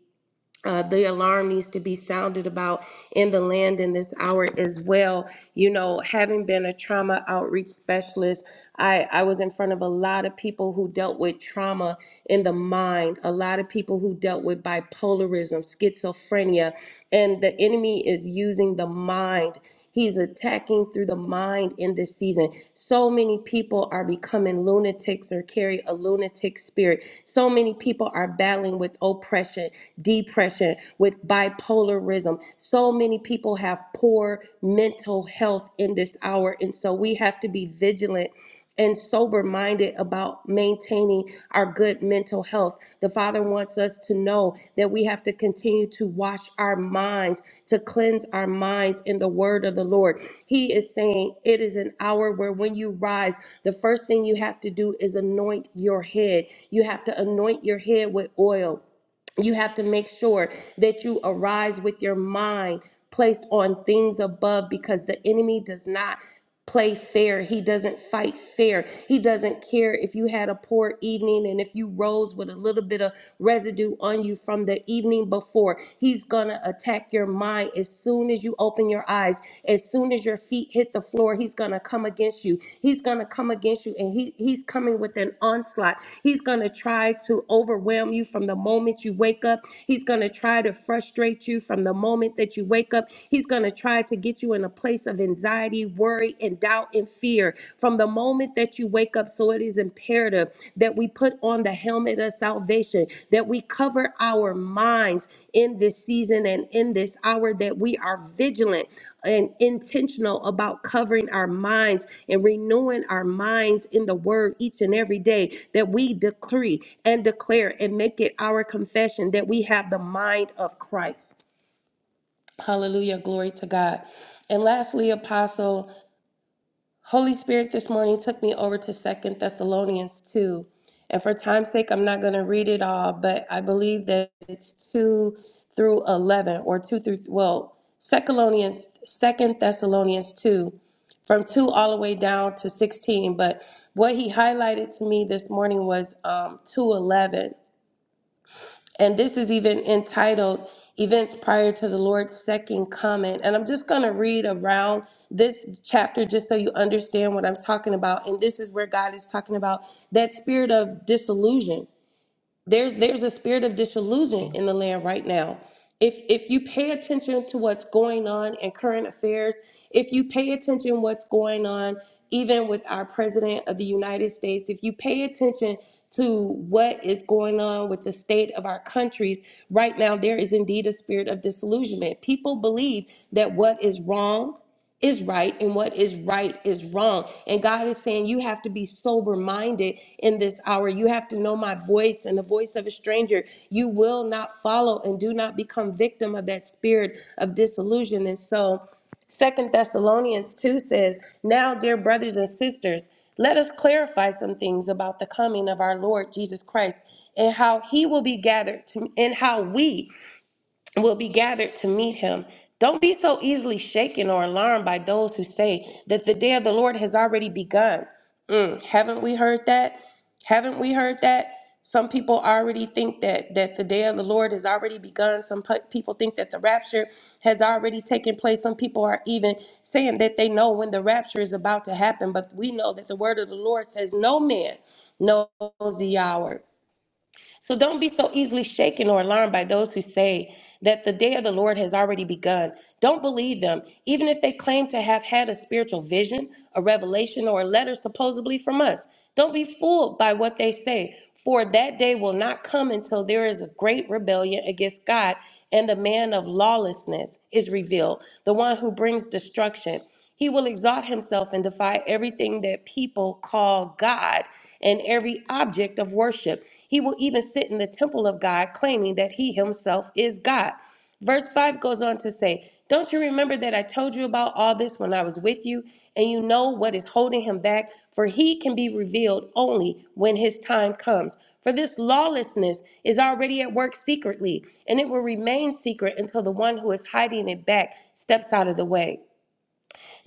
Uh, the alarm needs to be sounded about in the land in this hour as well you know, having been a trauma outreach specialist, I, I was in front of a lot of people who dealt with trauma in the mind, a lot of people who dealt with bipolarism, schizophrenia, and the enemy is using the mind. He's attacking through the mind in this season. So many people are becoming lunatics or carry a lunatic spirit. So many people are battling with oppression, depression, with bipolarism terrorism. So many people have poor mental health in this hour. And so we have to be vigilant and sober minded about maintaining our good mental health. The Father wants us to know that we have to continue to wash our minds, to cleanse our minds in the word of the Lord. He is saying it is an hour where when you rise, the first thing you have to do is anoint your head. You have to anoint your head with oil you have to make sure that you arise with your mind placed on things above because the enemy does not play fair. He doesn't fight fair. He doesn't care if you had a poor evening and if you rose with a little bit of residue on you from the evening before. He's going to attack your mind as soon as you open your eyes, as soon soon as your feet hit the floor, he's going to come against you. He's going to come against you, and he, he's coming with an onslaught. He's going to try to overwhelm you from the moment you wake up. He's going to try to frustrate you from the moment that you wake up. He's going to try to get you in a place of anxiety, worry, and doubt and fear from the moment that you wake up. So it is imperative that we put on the helmet of salvation, that we cover our minds in this season and in this hour, that we are vigilant and intentional about covering our minds and renewing our minds in the word each and every day, that we decree and declare and make it our confession that we have the mind of Christ. Hallelujah. Glory to God. And lastly, Apostle. Holy Spirit this morning took me over to Second Thessalonians 2. And for time's sake, I'm not going to read it all, but I believe that it's 2 through 11 or 2 through, well, Second Thessalonians, Second Thessalonians 2, from 2 all the way down to 16. But what he highlighted to me this morning was um, 2.11. And this is even entitled Events Prior to the Lord's Second Comment. And I'm just going to read around this chapter just so you understand what I'm talking about. And this is where God is talking about that spirit of disillusion there's there's a spirit of disillusion in the land right now if if you pay attention to what's going on in current affairs if you pay attention what's going on even with our president of the united states if you pay attention to what is going on with the state of our countries right now there is indeed a spirit of disillusionment people believe that what is wrong is right and what is right is wrong. And God is saying, You have to be sober minded in this hour. You have to know my voice and the voice of a stranger. You will not follow and do not become victim of that spirit of disillusion. And so, Second Thessalonians 2 says, Now, dear brothers and sisters, let us clarify some things about the coming of our Lord Jesus Christ and how he will be gathered to, and how we will be gathered to meet him. Don't be so easily shaken or alarmed by those who say that the day of the Lord has already begun. Mm, haven't we heard that? Haven't we heard that? Some people already think that that the day of the Lord has already begun. Some pe- people think that the rapture has already taken place. Some people are even saying that they know when the rapture is about to happen, but we know that the word of the Lord says no man knows the hour. So don't be so easily shaken or alarmed by those who say that the day of the Lord has already begun. Don't believe them, even if they claim to have had a spiritual vision, a revelation, or a letter supposedly from us. Don't be fooled by what they say, for that day will not come until there is a great rebellion against God and the man of lawlessness is revealed, the one who brings destruction. He will exalt himself and defy everything that people call God and every object of worship. He will even sit in the temple of God, claiming that he himself is God. Verse 5 goes on to say, Don't you remember that I told you about all this when I was with you? And you know what is holding him back? For he can be revealed only when his time comes. For this lawlessness is already at work secretly, and it will remain secret until the one who is hiding it back steps out of the way.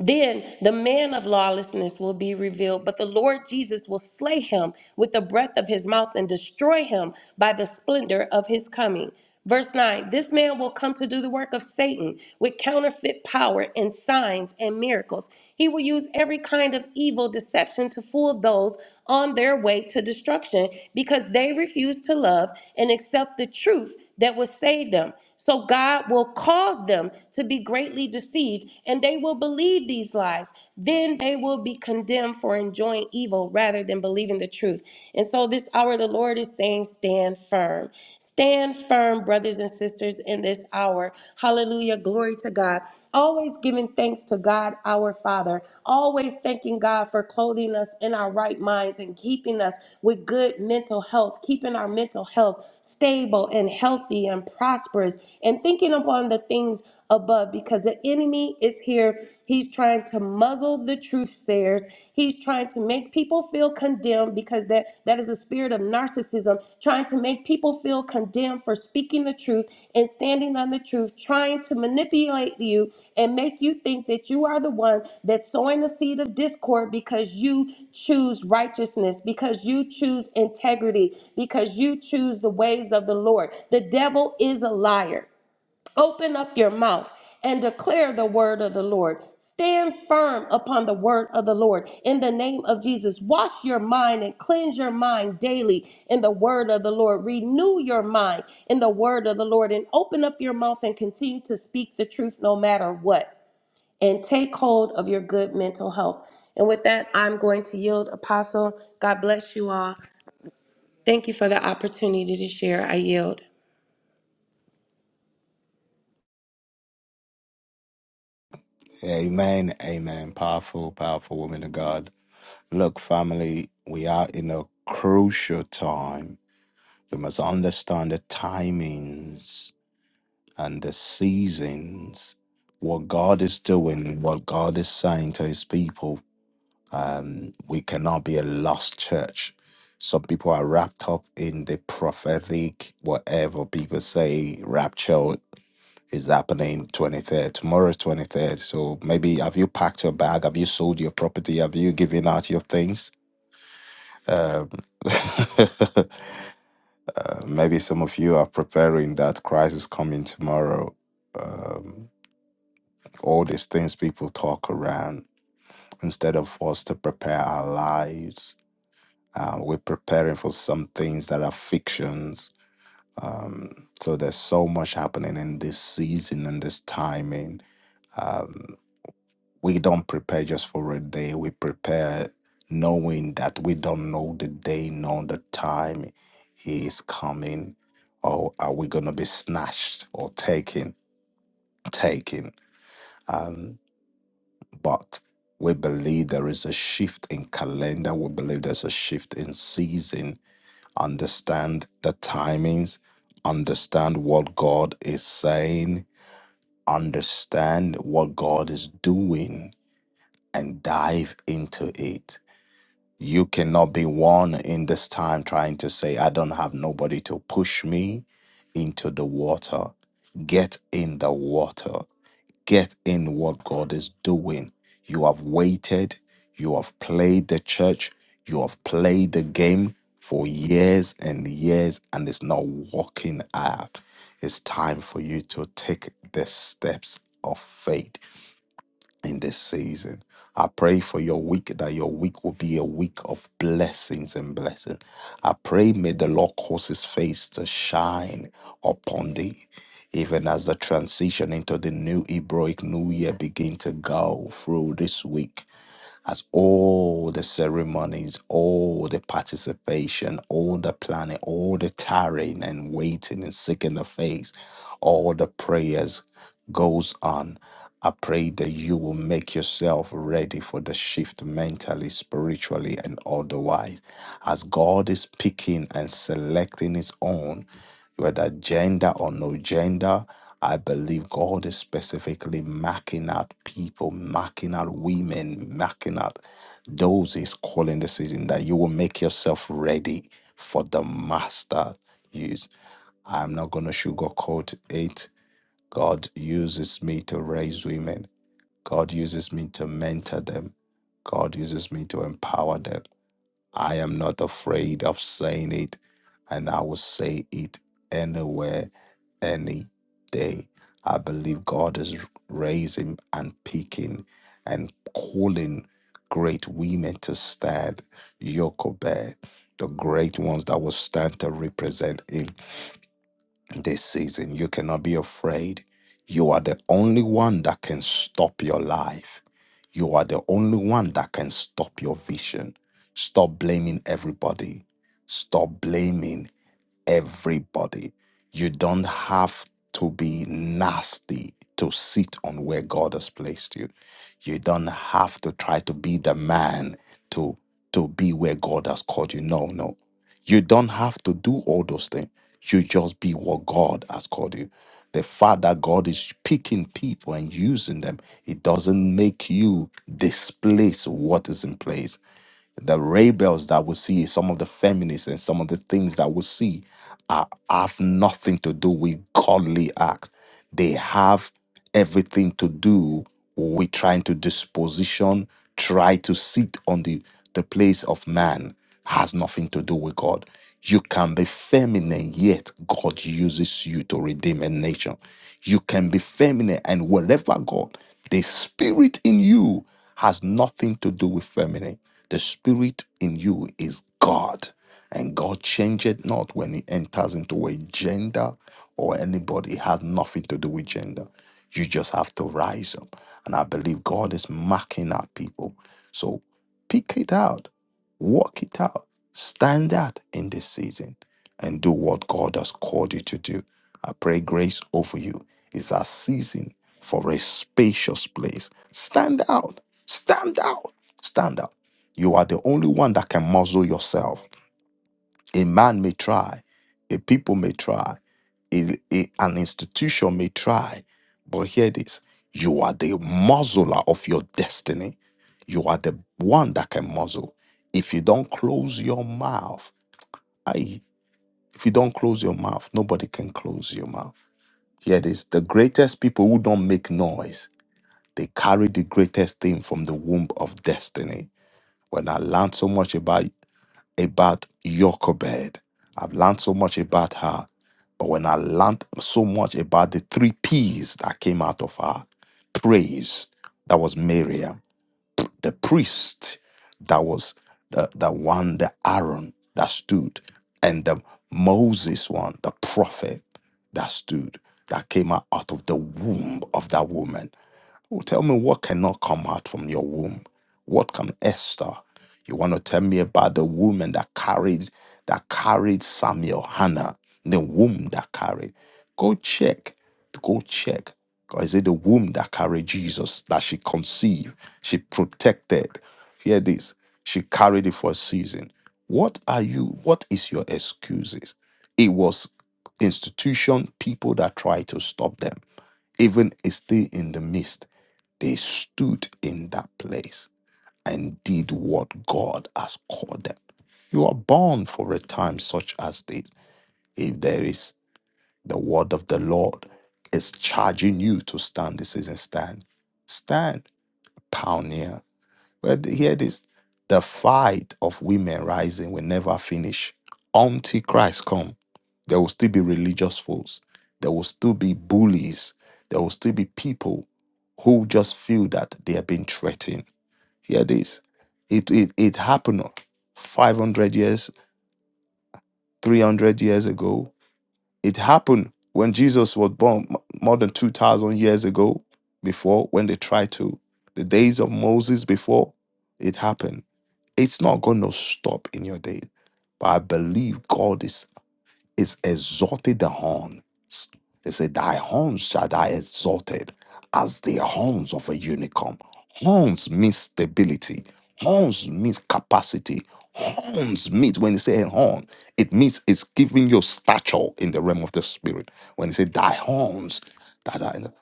Then the man of lawlessness will be revealed, but the Lord Jesus will slay him with the breath of his mouth and destroy him by the splendor of his coming. Verse 9 This man will come to do the work of Satan with counterfeit power and signs and miracles. He will use every kind of evil deception to fool those on their way to destruction because they refuse to love and accept the truth that will save them. So God will cause them to be greatly deceived, and they will believe these lies. Then they will be condemned for enjoying evil rather than believing the truth. And so this hour, the Lord is saying, Stand firm. Stand firm, brothers and sisters, in this hour. Hallelujah. Glory to God. Always giving thanks to God, our Father. Father, always thanking God for clothing us in our right minds and keeping us with good mental health, keeping our mental health stable and healthy and prosperous, and thinking upon the things above because the enemy is here. He's trying to muzzle the truth sayers. He's trying to make people feel condemned because that, that is a there's a spirit of narcissism trying to make people feel condemned for speaking the truth and standing on the truth, trying to manipulate you and make you think that you are the one that's sowing the seed of discord because you choose righteousness, because you choose integrity, because you choose the ways of the Lord. The devil is a liar. Open up your mouth and declare the word of the Lord. Stand firm upon the word of the Lord in the name of Jesus. Wash your mind and cleanse your mind daily in the word of the Lord. Renew your mind in the word of the Lord and open up your mouth and continue to speak the truth no matter what. And take hold of your good mental health. And with that, I'm going to yield, Apostle. God bless you all. Thank you for the opportunity to share. I yield. Amen, amen. Powerful, powerful woman of God. Look, family, we are in a crucial time. We must understand the timings and the seasons, what God is doing, what God is saying to his people. Um, we cannot be a lost church. Some people are wrapped up in the prophetic, whatever people say, rapture is happening 23rd. Tomorrow is 23rd. So maybe have you packed your bag? Have you sold your property? Have you given out your things? Um, uh, maybe some of you are preparing that crisis coming tomorrow. Um, all these things people talk around instead of us to prepare our lives, uh, we're preparing for some things that are fictions. Um, so there's so much happening in this season and this timing. Um, we don't prepare just for a day. We prepare knowing that we don't know the day nor the time he is coming, or are we going to be snatched or taken? Taken. Um, but we believe there is a shift in calendar. We believe there's a shift in season. Understand the timings. Understand what God is saying. Understand what God is doing and dive into it You cannot be one in this time trying to say, I don't have nobody to push me into the water. Get in the water. Get in what God is doing. You have waited. You have played the church. You have played the game for years and years, and it's not working out. It's time for you to take the steps of faith in this season. I pray for your week that your week will be a week of blessings and blessings. I pray may the Lord cause his face to shine upon thee. Even as the transition into the new Hebraic New Year begin to go through this week, as all the ceremonies, all the participation, all the planning, all the tarrying and waiting and seeking the face, all the prayers goes on. I pray that you will make yourself ready for the shift mentally, spiritually, and otherwise. As God is picking and selecting His own, whether gender or no gender. I believe God is specifically marking out people, marking out women, marking out those He's calling the season that you will make yourself ready for the master use. I'm not going to sugarcoat it. God uses me to raise women, God uses me to mentor them, God uses me to empower them. I am not afraid of saying it, and I will say it anywhere, any day. I believe God is raising and picking and calling great women to stand. Jochebed, the great ones that will stand to represent Him this season. You cannot be afraid. You are the only one that can stop your life. You are the only one that can stop your vision. Stop blaming everybody. Stop blaming everybody. You don't have to be nasty to sit on where God has placed you. You don't have to try to be the man to to be where God has called you. No, no. You don't have to do all those things. You just be what God has called you. The fact that God is picking people and using them, it doesn't make you displace what is in place the rebels that we see, some of the feminists, and some of the things that we see are, have nothing to do with godly act. They have everything to do with trying to disposition, try to sit on the, the place of man has nothing to do with God. You can be feminine, yet God uses you to redeem a nation. You can be feminine, and whatever God, the spirit in you has nothing to do with feminine. The spirit in you is God, and God changeth not when He enters into a gender or anybody. It has nothing to do with gender. You just have to rise up. And I believe God is marking our people. So pick it out Walk it out. Stand out in this season and do what God has called you to do. I pray grace over you. It's a season for a spacious place. Stand out. Stand out. Stand out. You are the only one that can muzzle yourself. A man may try, a people may try, a, a- an institution may try, but hear this you are the muzzler of your destiny. You are the one that can muzzle. If you don't close your mouth, I, if you don't close your mouth, nobody can close your mouth. Hear this the greatest people who don't make noise, they carry the greatest thing from the womb of destiny. When I learned so much about about Jochebed. I've learned so much about her. But when I learned so much about the three P's that came out of her praise, that was Miriam, P- the priest, that was the, the one, the Aaron that stood, and the Moses one, the prophet that stood, that came out out of the womb of that woman. Oh, tell me what cannot come out from your womb? What can Esther? You want to tell me about the woman that carried that carried Samuel, Hannah, the womb that carried. Go check. Go check. Or is it the womb that carried Jesus that she conceived? She protected. Hear this. She carried it for a season. What are you? What is your excuses? It was institution, people that tried to stop them even still in the midst, they stood in that place and did what God has called them. You are born for a time such as this. If there is the word of the Lord is charging you to stand, this isn't stand. Stand, pioneer. But hear this the fight of women rising will never finish until Christ comes. There will still be religious foes. There will still be bullies. There will still be people who just feel that they are being threatened. Hear this. It, it, it happened 500 years, 300 years ago. It happened when Jesus was born m- more than 2,000 years ago before when they tried to. The days of Moses before it happened it's not going to stop in your day. But I believe God is, is exalted the horn. They say, Thy horns shall thy exalted as the horns of a unicorn. Horns means stability. Horns means capacity. Horns means when they say a horn, it means it's giving you stature in the realm of the spirit. When they say thy horns, that are in the,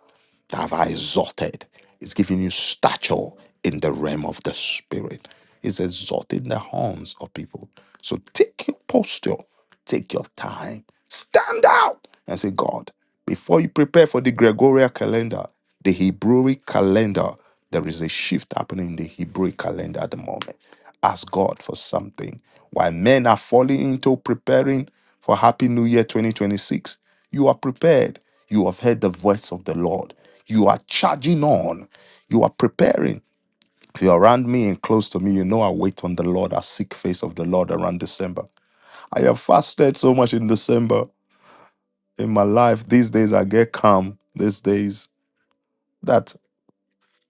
that have I exalted. It's giving you stature in the realm of the spirit. It's exalting the horns of people. So take your posture, take your time, stand out and say, God, before you prepare for the Gregorian calendar, the Hebrew calendar, there is a shift happening in the Hebrew calendar at the moment ask God for something. While men are falling into preparing for Happy New Year 2026, you are prepared. You have heard the voice of the Lord. You are charging on. You are preparing. If you're around me and close to me, you know I wait on the Lord. I seek face of the Lord around December. I have fasted so much in December in my life. These days I get calm. These days. that.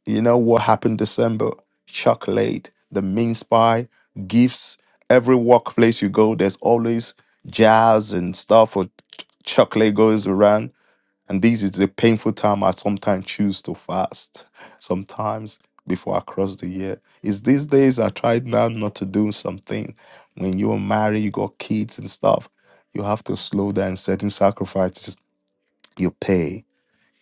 You know what happened December? Chocolate, the mince pie, gifts. Every workplace you go, there's always jazz and stuff or ch- chocolate goes around. And this is the painful time I sometimes choose to fast. Sometimes before I cross the year. It's these days I try now not to do something. When you're married, you got kids and stuff, you have to slow down certain sacrifices you pay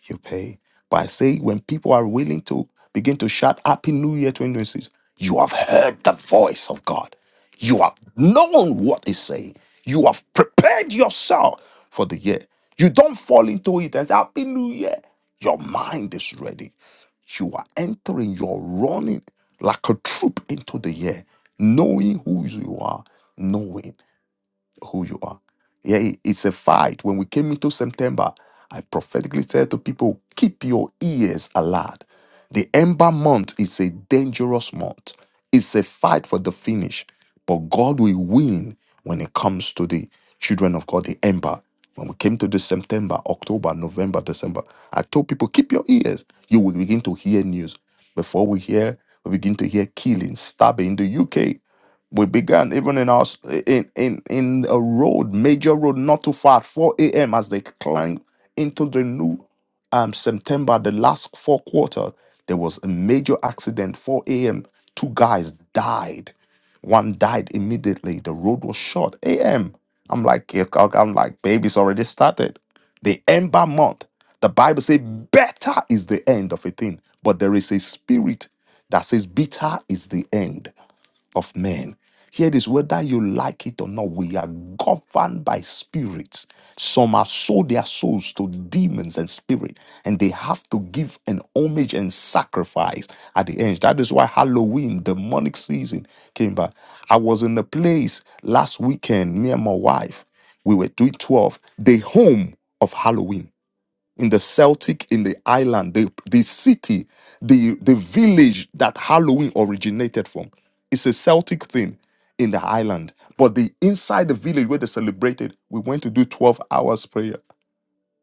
you pay. But I say, when people are willing to begin to shout Happy New Year 2026, you have heard the voice of God. You have known what He's saying. You have prepared yourself for the year. You don't fall into it as Happy New Year. Your mind is ready. You are entering, you're running like a troop into the year, knowing who you are, knowing who you are. Yeah, it- it's a fight. When we came into September, I prophetically said to people, keep your ears alert. The Ember month is a dangerous month. It's a fight for the finish, but God will win when it comes to the children of God, the Ember. When we came to this September, October, November, December, I told people, keep your ears. You will begin to hear news. Before we hear, we begin to hear killings, stabbing in the UK. We began even in our in in in a road, major road, not too far, at 4 a.m. as they climbed into the new um September, the last four quarter, there was a major accident. 4 a.m. Two guys died. One died immediately. The road was short. A.m. I'm like, yeah, I'm like, baby's already started. The ember month. The Bible says better is the end of a thing, but there is a spirit that says bitter is the end of men. Here it is whether you like it or not, we are governed by spirits. Some have sold their souls to demons and spirit, and they have to give an homage and sacrifice at the end. That is why Halloween, demonic season, came back. I was in a place last weekend near my wife. We were doing 12, the home of Halloween in the Celtic, in the island, the, the city, the, the village that Halloween originated from. It's a Celtic thing in the island. But the inside the village where they celebrated, we went to do 12 hours prayer.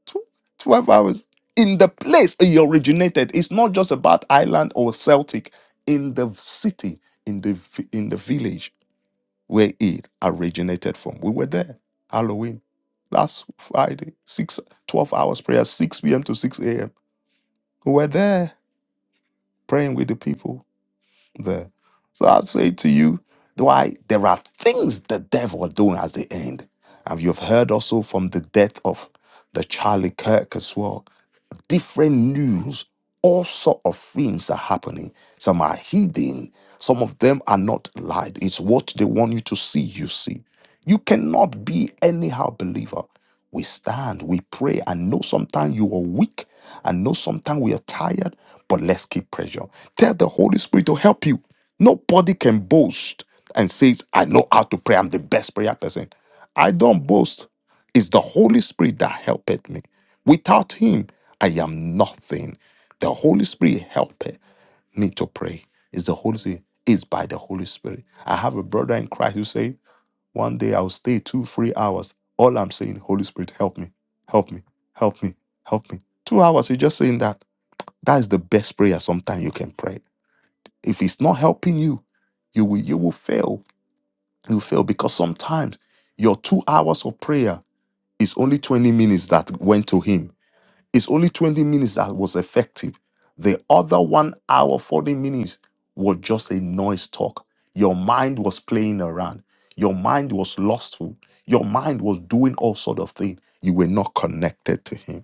Tw- 12 hours. In the place it originated. It's not just about island or Celtic. In the city, in the vi- in the village where it originated from. We were there, Halloween, last Friday, six, 12 hours prayer, 6 p.m. to 6 a.m. We were there praying with the people there. So I'd say to you, why there are things the devil are doing at the end. And you've heard also from the death of the Charlie Kirk as well different news. All sort of things are happening. Some are hidden. Some of them are not lied. It's what they want you to see. You see, you cannot be anyhow believer. We stand, we pray. I know sometimes you are weak. I know sometimes we are tired, but let's keep pressure. Tell the Holy Spirit to help you. Nobody can boast and says, I know how to pray. I'm the best prayer person. I don't boast. It's the Holy Spirit that helpeth me. Without Him, I am nothing. The Holy Spirit helped me to pray. It's the Holy Spirit. It's by the Holy Spirit. I have a brother in Christ who say, one day I'll stay two, three hours. All I'm saying, Holy Spirit, help me, help me, help me, help me. Two hours, you're just saying that. That is the best prayer sometimes you can pray. If it's not helping you, you will you will fail. You fail because sometimes your two hours of prayer is only 20 minutes that went to him. It's only 20 minutes that was effective. The other one hour, 40 minutes was just a noise talk. Your mind was playing around. Your mind was lustful. Your mind was doing all sort of things. You were not connected to him.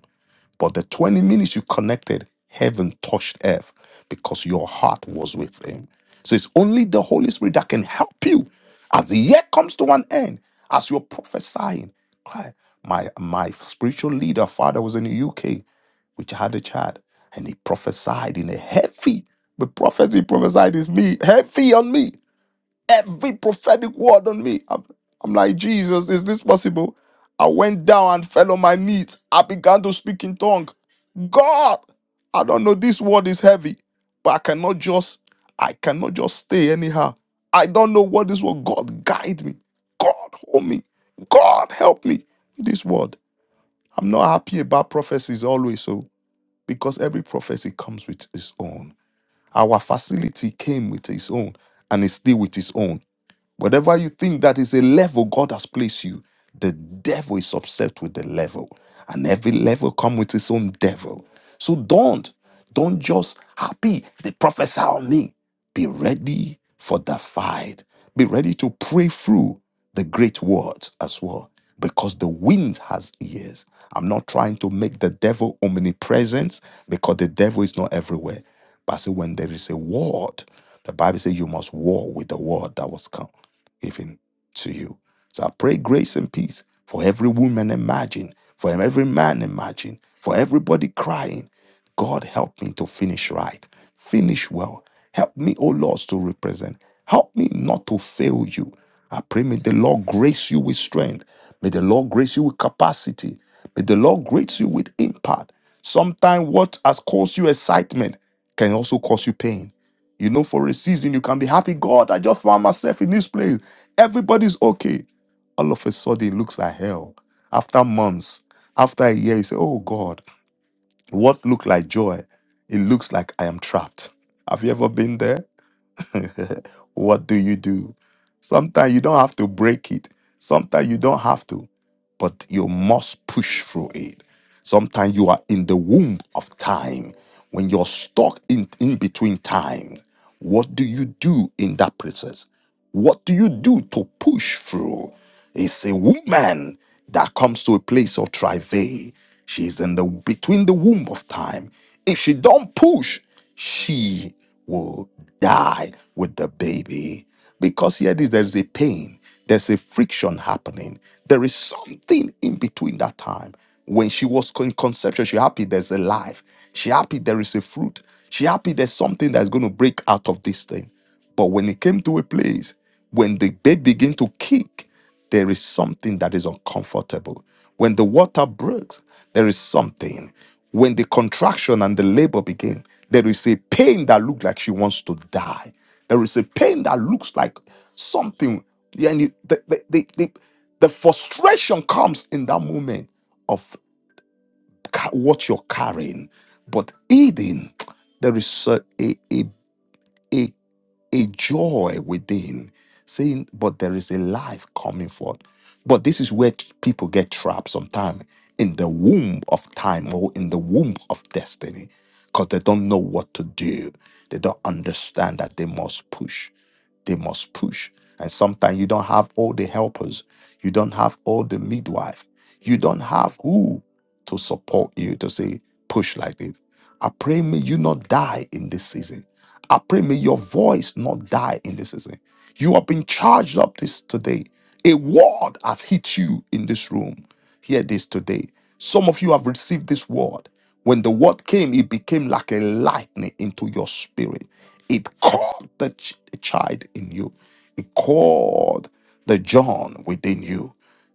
But the 20 minutes you connected, heaven touched earth because your heart was with him. So it's only the Holy Spirit that can help you as the year comes to an end, as you're prophesying. Cry. My my spiritual leader, father, was in the UK, which had a child, and he prophesied in a heavy, the prophecy he prophesied is me, heavy on me, every prophetic word on me. I'm, I'm like, Jesus, is this possible? I went down and fell on my knees. I began to speak in tongues. God, I don't know, this word is heavy, but I cannot just, I cannot just stay anyhow. I don't know what this word. God guide me. God hold me. God help me. This word. I'm not happy about prophecies always, so because every prophecy comes with its own. Our facility came with its own and is still with its own. Whatever you think that is a level God has placed you, the devil is upset with the level. And every level comes with its own devil. So don't, don't just happy. They prophesy on me. Be ready for the fight. Be ready to pray through the great words as well. Because the wind has ears. I'm not trying to make the devil omnipresent because the devil is not everywhere. But I say when there is a word, the Bible says you must war with the word that was come given to you. So I pray grace and peace for every woman imagine, for every man imagine, for everybody crying. God help me to finish right, finish well. Help me, O Lord, to represent. Help me not to fail you. I pray, may the Lord grace you with strength. May the Lord grace you with capacity. May the Lord grace you with impact. Sometimes what has caused you excitement can also cause you pain. You know, for a season, you can be happy. God, I just found myself in this place. Everybody's okay. All of a sudden, it looks like hell. After months, after a year, you say, Oh God, what looked like joy? It looks like I am trapped. Have you ever been there? what do you do? Sometimes you don't have to break it. Sometimes you don't have to but you must push through it. Sometimes you are in the womb of time. When you're stuck in, in between times, what do you do in that process? What do you do to push through? It's a woman that comes to a place of travail. She's in the between the womb of time. If she don't push, she will die with the baby. Because here it is, there is a pain. There's a friction happening. There is something in between that time. When she was in conception, she happy there's a life. She happy there is a fruit. She happy there's something that's going to break out of this thing. But when it came to a place, when the baby began to kick, there is something that is uncomfortable. When the water breaks, there is something. When the contraction and the labor begin, there is a pain that looks like she wants to die. There is a pain that looks like something. Yeah, And you- the, the, the, the, the frustration comes in that moment of ca- what you're carrying. But Eden, there is a, a, a, a joy within, saying, But there is a life coming forth. But this is where t- people get trapped sometimes in the womb of time or in the womb of destiny because they don't know what to do. They don't understand that they must push. They must push. And sometimes you don't have all the helpers, you don't have all the midwife, you don't have who to support you to say, push like this. I pray may you not die in this season. I pray may your voice not die in this season. You have been charged up this today. A word has hit you in this room. Hear this today. Some of you have received this word. When the word came, it became like a lightning into your spirit. It caught the ch- child in you. It called the John within you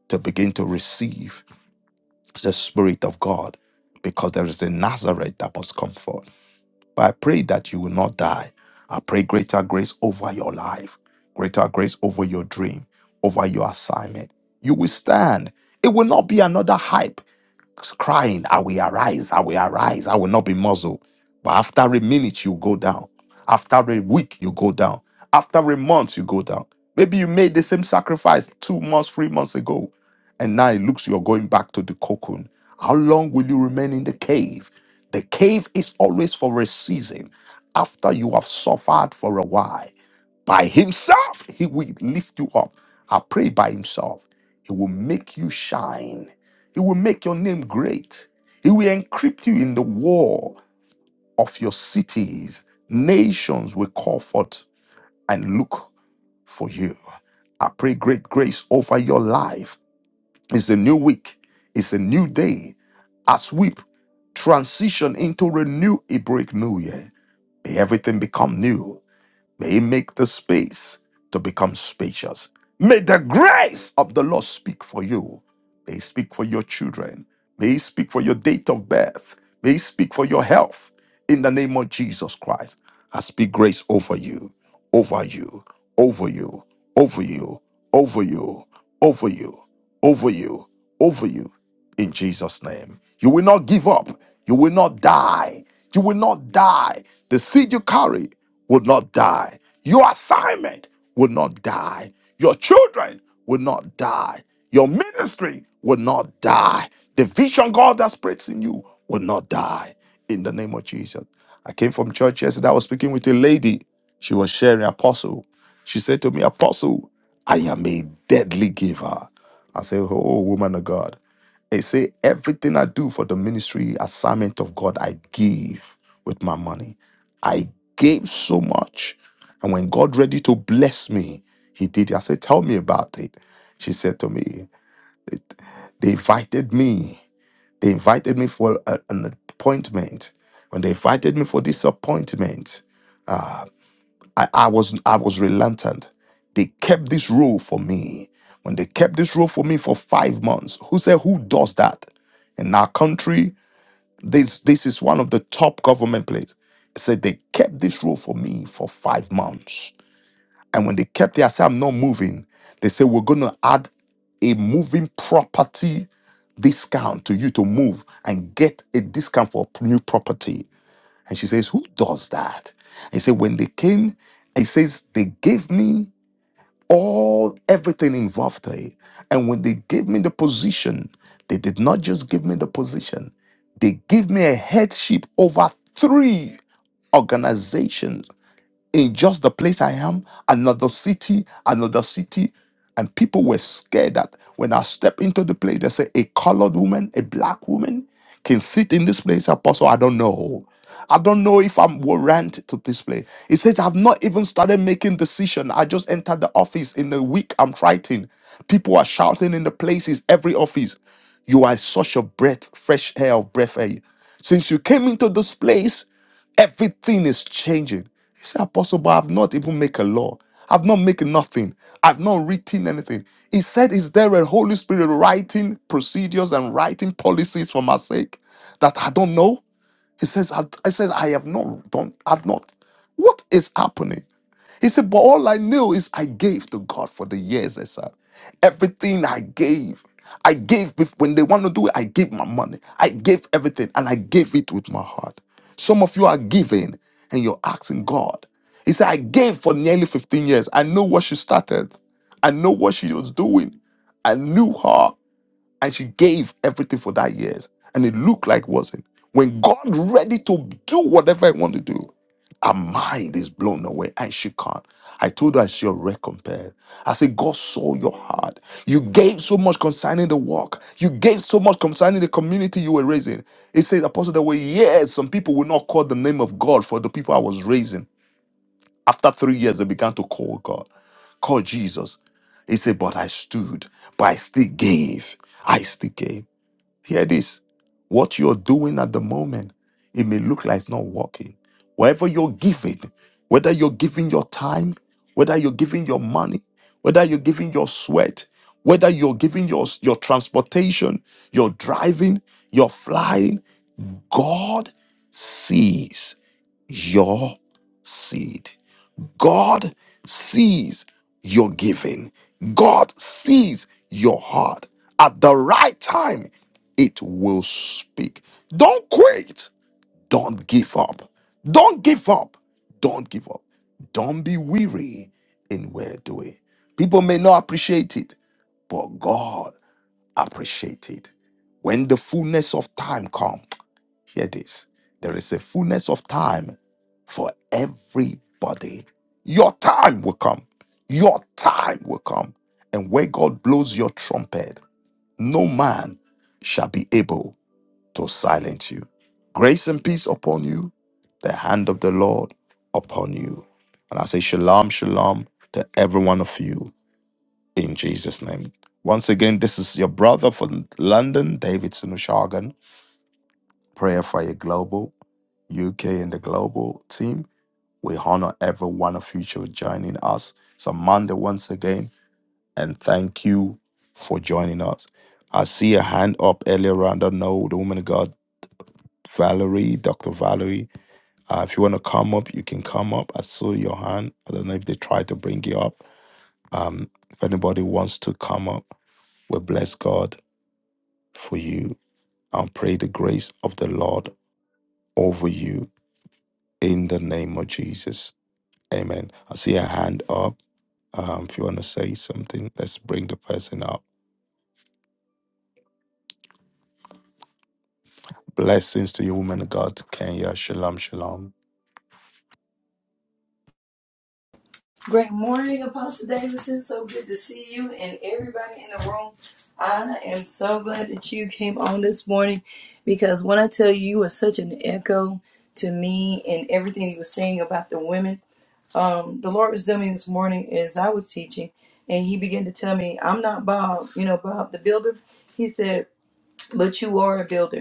to begin to receive the Spirit of God, because there is a Nazareth that must come forth. But I pray that you will not die. I pray greater grace over your life, greater grace over your dream, over your assignment. You will stand. It will not be another hype crying, I will arise, I will arise, I will not be muzzled. But after a minute, you go down. After a week, you go down. After a month, you go down. Maybe you made the same sacrifice two months, three months ago, and now it looks you're going back to the cocoon. How long will you remain in the cave? The cave is always for a season after you have suffered for a while. By himself, he will lift you up. I pray by himself. He will make you shine. He will make your name great. He will encrypt you in the wall of your cities. Nations will call forth and look for you. I pray great grace over your life. It's a new week, it's a new day. As we transition into a new Hebraic New Year, may everything become new. May He make the space to become spacious. May the grace of the Lord speak for you. May He speak for your children. May He speak for your date of birth. May He speak for your health in the name of Jesus Christ. I speak grace over you, over you, over you, over you, over you, over you, over you, over you, in Jesus' name. You will not give up. You will not die. You will not die. The seed you carry will not die. Your assignment will not die. Your children will not die. Your ministry will not die. The vision God that spreads in you will not die. In the name of Jesus. I came from church yesterday. I was speaking with a lady. She was sharing apostle. She said to me, Apostle, I am a deadly giver. I said, Oh, woman of God. They say everything I do for the ministry assignment of God, I give with my money. I gave so much. And when God ready to bless me, he did. I said, Tell me about it. She said to me, They invited me. They invited me for a- an appointment. When they invited me for this appointment, I, I was I was reluctant. They kept this role for me. When they kept this role for me for five months, who said who does that? In our country, this this is one of the top government places. Said they kept this role for me for five months And when they kept their say, I'm not moving, they said, We're going to add a moving property discount to you to move and get a discount for a new property. And she says, Who does that? He said, When they came, he says, They gave me all everything involved there. And when they gave me the position, they did not just give me the position, they gave me a headship over three organizations in just the place I am, another city, another city. And people were scared that when I step into the place, they say a colored woman, a black woman can sit in this place. Apostle, I don't know. I don't know if I'm warranted to this place. It says I've not even started making decision. I just entered the office in the week I'm writing. People are shouting in the places, every office. You are such a breath, fresh air of breath air. Since you came into this place, Everything is changing. He said, Apostle, but I've not even make a law. I've not make nothing. I've not written anything. He said, Is there a Holy Spirit writing procedures and writing policies for my sake that I don't know? He says, I, I said, I have not done, I've not. What is happening? He said, but all I knew is I gave to God for the years I served. Everything I gave. I gave bef- when they want to do it, I gave my money. I gave everything and I gave it with my heart. Some of you are giving and you're asking God. He said, I gave for nearly 15 years. I know what she started. I know what she was doing. I knew her and she gave everything for that years and it looked like wasn't when god ready to do whatever i want to do her mind is blown away and she can't i told her it's your recompense i said god saw your heart you gave so much concerning the work you gave so much concerning the community you were raising it says apostle there were years some people will not call the name of god for the people i was raising after three years they began to call god call jesus he said but i stood but i still gave i still gave Hear this. What you're doing at the moment, it may look like it's not working. Whatever you're giving, whether you're giving your time, whether you're giving your money, whether you're giving your sweat, whether you're giving your, your transportation, your driving, your flying. God sees your seed. God sees your giving. God sees your heart. At the right time, it will speak. Don't quit. Don't give up. Don't give up. Don't give up. Don't be weary in well doing. People may not appreciate it, but God appreciate it. When the fullness of time comes, hear this there is a fullness of time for everybody your time will come your time will come and where god blows your trumpet no man shall be able to silence you grace and peace upon you the hand of the lord upon you and i say shalom shalom to every one of you in Jesus' name. Once again, this is your brother from London, David Sunushagan, Prayer Fire Global, UK and the global team. We honor every one of you for joining us. It's a Monday once again, and thank you for joining us. I see a hand up earlier on. I don't know the woman of God, Valerie, Dr. Valerie. Uh, if you want to come up, you can come up. I saw your hand. I don't know if they tried to bring you up. Um, if anybody wants to come up, we bless God for you. I pray the grace of the Lord over you in the name of Jesus. Amen. I see a hand up. Um, if you want to say something, let's bring the person up. Blessings to you, woman of God, Kenya. Shalom, shalom. Great morning, Apostle Davidson. So good to see you and everybody in the room. I am so glad that you came on this morning because when I tell you, you were such an echo to me and everything you were saying about the women. Um, the Lord was doing me this morning as I was teaching, and He began to tell me, I'm not Bob, you know, Bob the builder. He said, But you are a builder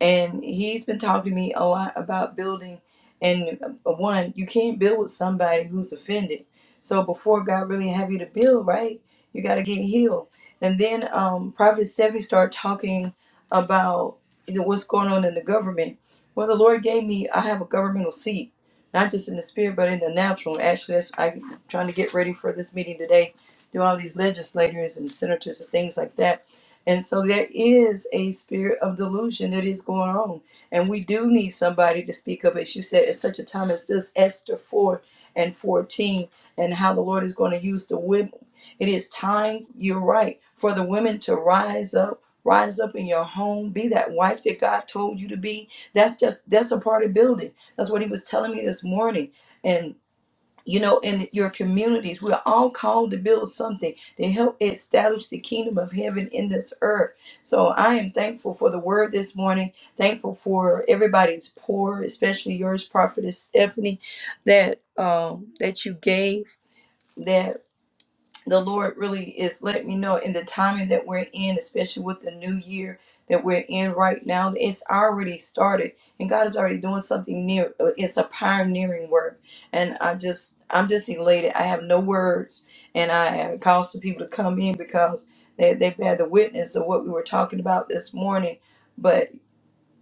and he's been talking to me a lot about building and uh, one you can't build with somebody who's offended so before god really have you to build right you got to get healed and then um prophet Sevi started talking about you know, what's going on in the government well the lord gave me i have a governmental seat not just in the spirit but in the natural actually that's i'm trying to get ready for this meeting today do all these legislators and senators and things like that and so there is a spirit of delusion that is going on. And we do need somebody to speak up. As you said, at such a time as this, Esther 4 and 14, and how the Lord is going to use the women. It is time, you're right, for the women to rise up. Rise up in your home, be that wife that God told you to be. That's just that's a part of building. That's what he was telling me this morning. and you know, in your communities. We're all called to build something to help establish the kingdom of heaven in this earth. So I am thankful for the word this morning, thankful for everybody's pour, especially yours, Prophetess Stephanie, that um that you gave that the Lord really is letting me know in the timing that we're in, especially with the new year that we're in right now, that it's already started and God is already doing something new. Uh, It's a pioneering work. And i just, I'm just elated. I have no words and I call some people to come in because they, they've had the witness of what we were talking about this morning. but.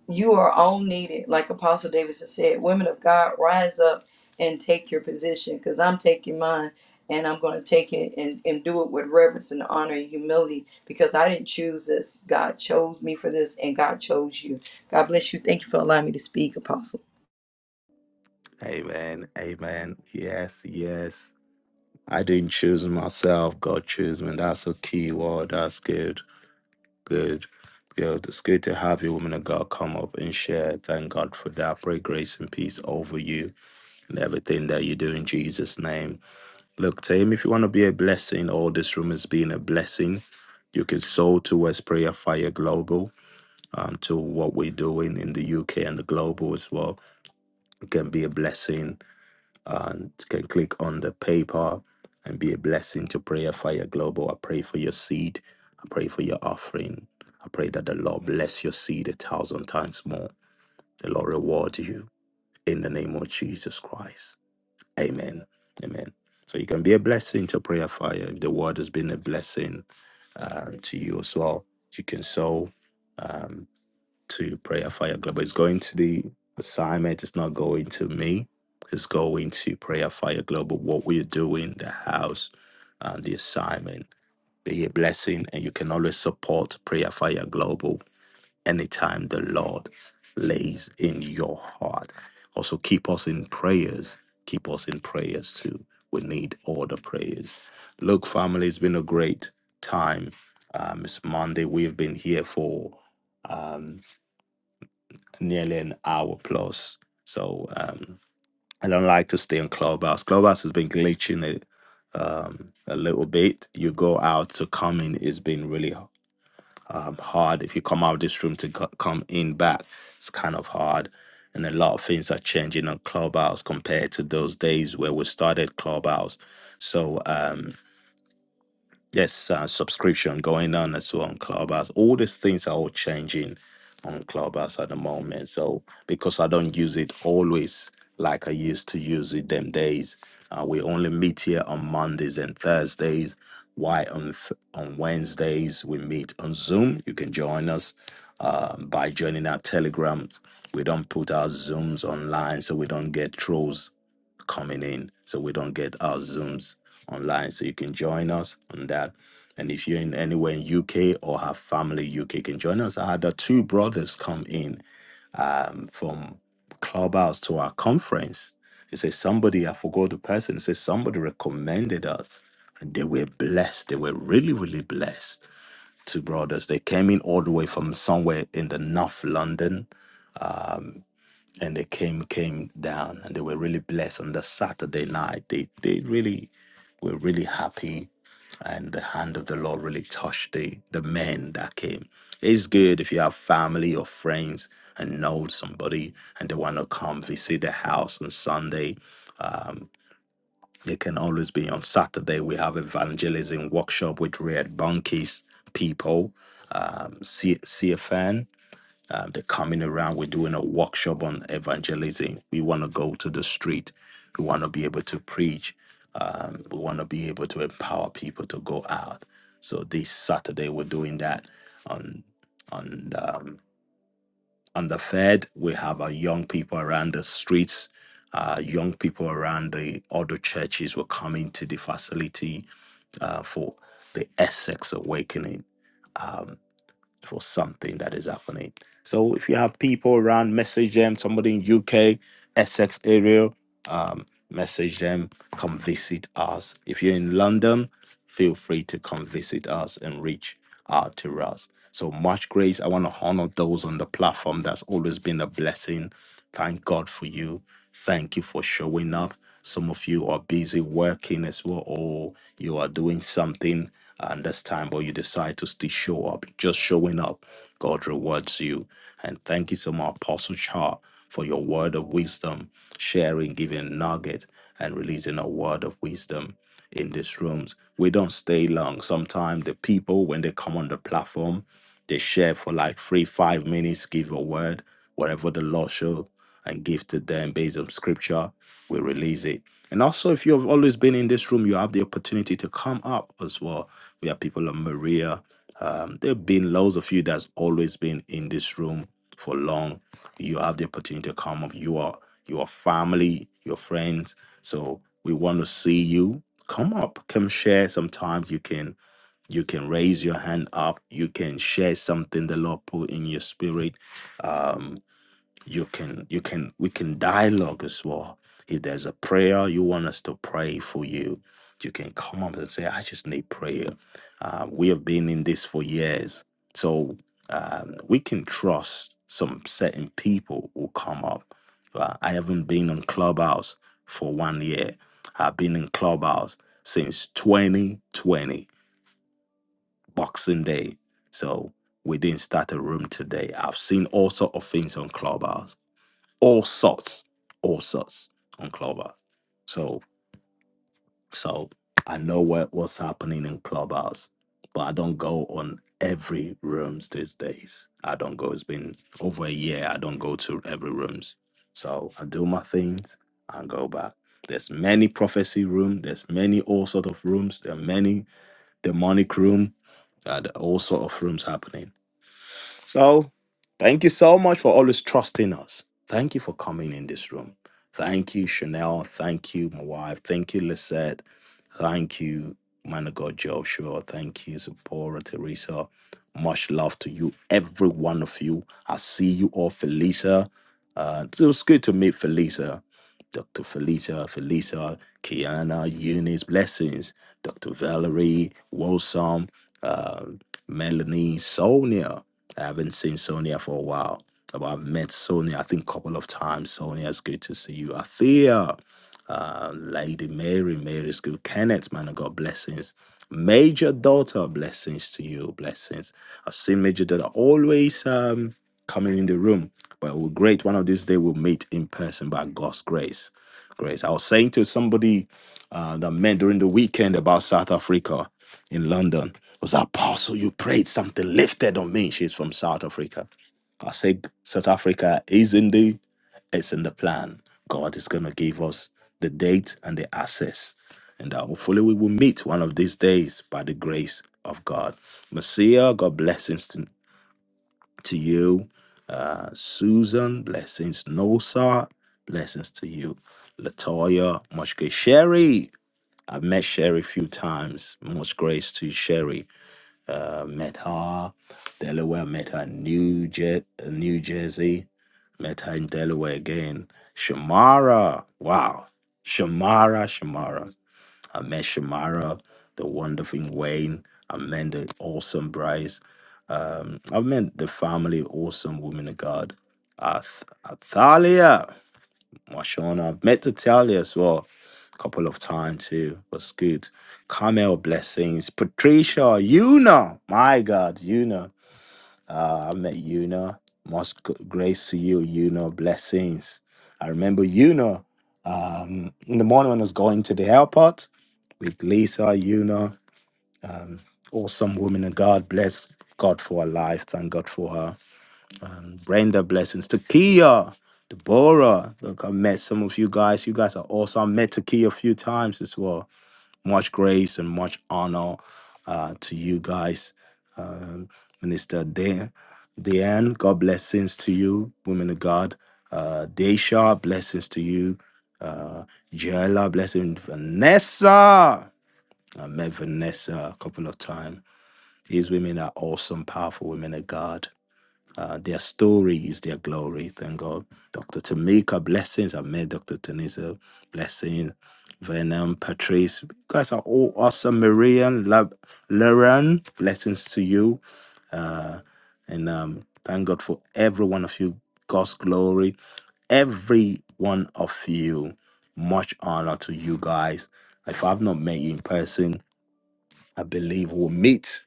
You are all needed. Like Apostle Davidson said, women of God, rise up and take your position because I'm taking mine and I'm going to take it and, and do it with reverence and honor and humility because I didn't choose this. God chose me for this and God chose you. God bless you. Thank you for allowing me to speak, Apostle. Amen. Amen. Yes, yes. I didn't choose myself. God chose me. That's a key word. That's good. Good. Good. It's good to have you, woman of God, come up and share. Thank God for that. Pray grace and peace over you and everything that you do in Jesus' name. Look, team, if you want to be a blessing, all this room has been a blessing. You can sow towards Prayer Fire Global, um, to what we're doing in the UK and the global as well. It can be a blessing and you can click on the PayPal and be a blessing to Prayer Fire Global. I pray for your seed. I pray for your offering. I pray that the Lord bless your seed a thousand times more. The Lord reward you in the name of Jesus Christ. Amen. Amen. So you can be a blessing to prayer fire if the word has been a blessing uh, to you as well. You can sow um, to prayer fire global. It's going to the assignment. It's not going to me. It's going to prayer fire global. What we're doing, the house, uh, the assignment. Be a blessing, and you can always support prayer fire global anytime the Lord lays in your heart. Also, keep us in prayers. Keep us in prayers too. We need all the prayers. Look, family, it's been a great time. Um, it's Monday. We've been here for um, nearly an hour plus. So um, I don't like to stay on Clubhouse. Clubhouse has been glitching it um, a little bit. You go out to come in, it's been really um, hard. If you come out of this room to co- come in back, it's kind of hard. And a lot of things are changing on Clubhouse compared to those days where we started Clubhouse. So, um, Yes, uh, subscription going on as well on Clubhouse. All these things are all changing on Clubhouse at the moment. So because I don't use it always like I used to use it them days, uh, we only meet here on Mondays and Thursdays. Why on th- on Wednesdays we meet on Zoom? You can join us um, by joining our Telegram. We don't put our Zooms online, so we don't get trolls coming in so we don't get our Zooms online. So you can join us on that. And if you're in anywhere in UK or have family UK can join us. I had the two brothers come in um, from Clubhouse to our conference. They say somebody, I forgot the person, they say somebody recommended us. And they were blessed. They were really, really blessed. Two brothers. They came in all the way from somewhere in the North London and they came came down and they were really blessed on the saturday night they they really were really happy and the hand of the lord really touched the the men that came it's good if you have family or friends and know somebody and they want to come visit the house on sunday they can always be on saturday we have evangelism workshop with red bunkies people um C- cfn uh, they're coming around. We're doing a workshop on evangelism. We want to go to the street. We want to be able to preach. Um, we want to be able to empower people to go out. So this Saturday we're doing that. On on um, on the Fed, we have our young people around the streets. Uh, young people around the other churches were coming to the facility uh, for the Essex Awakening. Um, for something that is happening. So if you have people around, message them. Somebody in UK, Essex area, um, message them. Come visit us. If you're in London, feel free to come visit us and reach out to us. So much grace. I want to honor those on the platform. That's always been a blessing. Thank God for you. Thank you for showing up. Some of you are busy working as well, or you are doing something and this time, but you decide to still show up. Just showing up, God rewards you. And thank you so much, Apostle Char, for your word of wisdom, sharing, giving a nugget, and releasing a word of wisdom in these rooms. We don't stay long. Sometimes the people, when they come on the platform, they share for like three, five minutes, give a word, whatever the Lord shows and give to them based on scripture. We release it. And also, if you have always been in this room, you have the opportunity to come up as well. We have people like Maria. Um, there have been loads of you that's always been in this room for long. You have the opportunity to come up. You are your family, your friends. So we want to see you. Come up, come share. Sometimes you can you can raise your hand up. You can share something the Lord put in your spirit you can you can we can dialogue as well if there's a prayer you want us to pray for you you can come up and say i just need prayer uh, we have been in this for years so um, we can trust some certain people will come up uh, i haven't been on clubhouse for one year i've been in clubhouse since 2020 boxing day so we didn't start a room today i've seen all sort of things on clubhouse all sorts, all sorts on Clubhouse. So, so I know what, what's happening in Clubhouse, but I don't go on every rooms these days. I don't go. It's been over a year. I don't go to every rooms. So I do my things and go back. There's many prophecy room. There's many all sort of rooms. There are many demonic room. Uh, there are all sort of rooms happening. So, thank you so much for always trusting us. Thank you for coming in this room. Thank you, Chanel. Thank you, my wife. Thank you, Lisette. Thank you, man of God, Joshua. Thank you, Sephora, Teresa. Much love to you, every one of you. I see you all, Felisa. Uh, it was good to meet Felisa. Dr. Felicia, Felisa, Kiana, Eunice, Blessings, Dr. Valerie, Wosam, uh, Melanie, Sonia. I haven't seen Sonia for a while. But I've met Sonia, I think, a couple of times. Sonia, it's good to see you. Athea, uh, Lady Mary, Mary's good. Kenneth, man of God, blessings. Major daughter, blessings to you, blessings. I see Major daughter always um, coming in the room, but we're great. One of these days we'll meet in person by God's grace. Grace. I was saying to somebody uh, that met during the weekend about South Africa in London. Was apostle, you prayed something lifted on me. She's from South Africa. I said South Africa is in the it's in the plan. God is going to give us the date and the access. And uh, hopefully we will meet one of these days by the grace of God. Messiah, God blessings to, to you. Uh, Susan, blessings. Nosa, blessings to you. Latoya, much grace. Sherry, I've met Sherry a few times. Much grace to you, Sherry uh, Meta, Delaware, Meta, New, Jer- uh, New Jersey, Meta in Delaware again. Shamara, wow. Shamara, Shamara. I met Shamara, the wonderful Wayne. I met the awesome Bryce. Um, I met the family, awesome woman of God. Ath- Athalia. Washona. I've met Natalia as well a couple of times too. Was good. Carmel blessings. Patricia, Yuna. My God, Yuna. Uh, I met Yuna. Most g- grace to you, Yuna. Blessings. I remember Yuna um, in the morning when I was going to the airport with Lisa, Yuna. Awesome woman and God bless God for her life. Thank God for her um, Brenda, blessings. Takia, Deborah. Look, I met some of you guys. You guys are awesome. I met Takia a few times as well. Much grace and much honor uh, to you guys. Um, Minister De- Deanne, God blessings to you, women of God. Uh, Desha, blessings to you. Uh, Jella, blessing Vanessa. I met Vanessa a couple of times. These women are awesome, powerful women of God uh, their story is their glory. Thank God. Dr. Tamika, blessings. I've met Dr. Tanisa, blessings. Venom, Patrice, you guys are all awesome. Marian, Lab, Lauren, blessings to you. Uh, and um, thank God for every one of you. God's glory. Every one of you. Much honor to you guys. If I've not met you in person, I believe we'll meet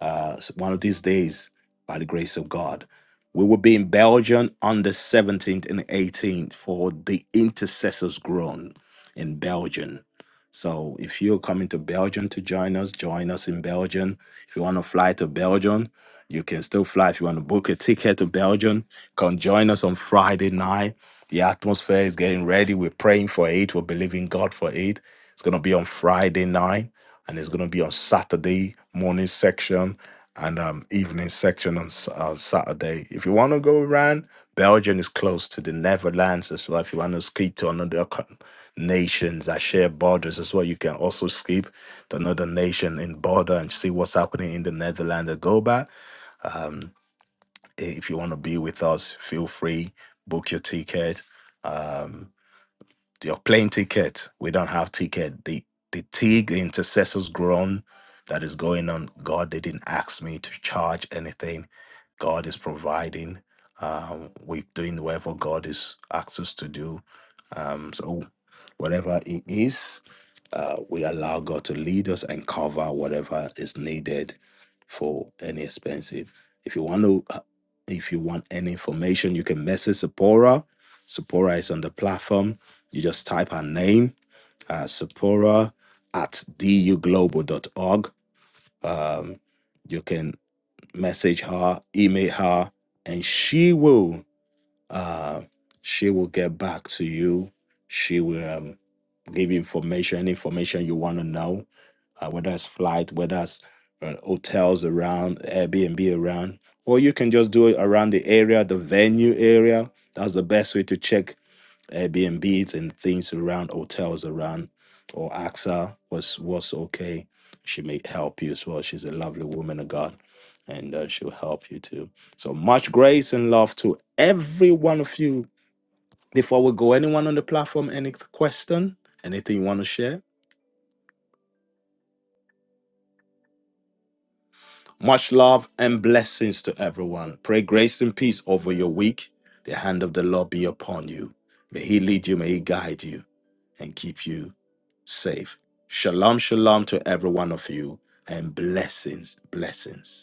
uh, one of these days by the grace of God. We will be in Belgium on the 17th and 18th for the Intercessors Grown in Belgium. So if you're coming to Belgium to join us, join us in Belgium. If you want to fly to Belgium, you can still fly. If you want to book a ticket to Belgium, come join us on Friday night. The atmosphere is getting ready. We're praying for it. We're believing God for it. It's going to be on Friday night and it's going to be on Saturday morning section and um, evening section on S- uh, Saturday. If you want to go around, Belgium is close to the Netherlands as well. If you want to skip to another co- nations that share borders as well, you can also skip to another nation in border and see what's happening in the Netherlands and go back. If you want to be with us, feel free, book your ticket. Um, you're playing ticket. We don't have ticket. The the tig, the intercessors groan that is going on. God, they didn't ask me to charge anything. God is providing. Um, we're doing whatever God is asked us to do. Um, so whatever it is, uh, we allow God to lead us and cover whatever is needed for any expensive. If you want to, uh, if you want any information, you can message Sephora. Sephora is on the platform. You just type her name, uh, Sephora at duglobal.org. Um, you can message her, email her, and she will uh, she will get back to you. She will um, give you information, any information you want to know, uh, whether it's flight, whether it's uh, hotels around, Airbnb around, or you can just do it around the area, the venue area. That's the best way to check Airbnbs and things around hotels around or AXA was was okay. She may help you as well. She's a lovely woman of God, and uh, she'll help you too. So much grace and love to every one of you. Before we go, anyone on the platform, any question, anything you want to share? Much love and blessings to everyone. Pray grace and peace over your week. The hand of the Lord be upon you. May He lead you, may He guide you, and keep you safe. Shalom, shalom to every one of you, and blessings, blessings.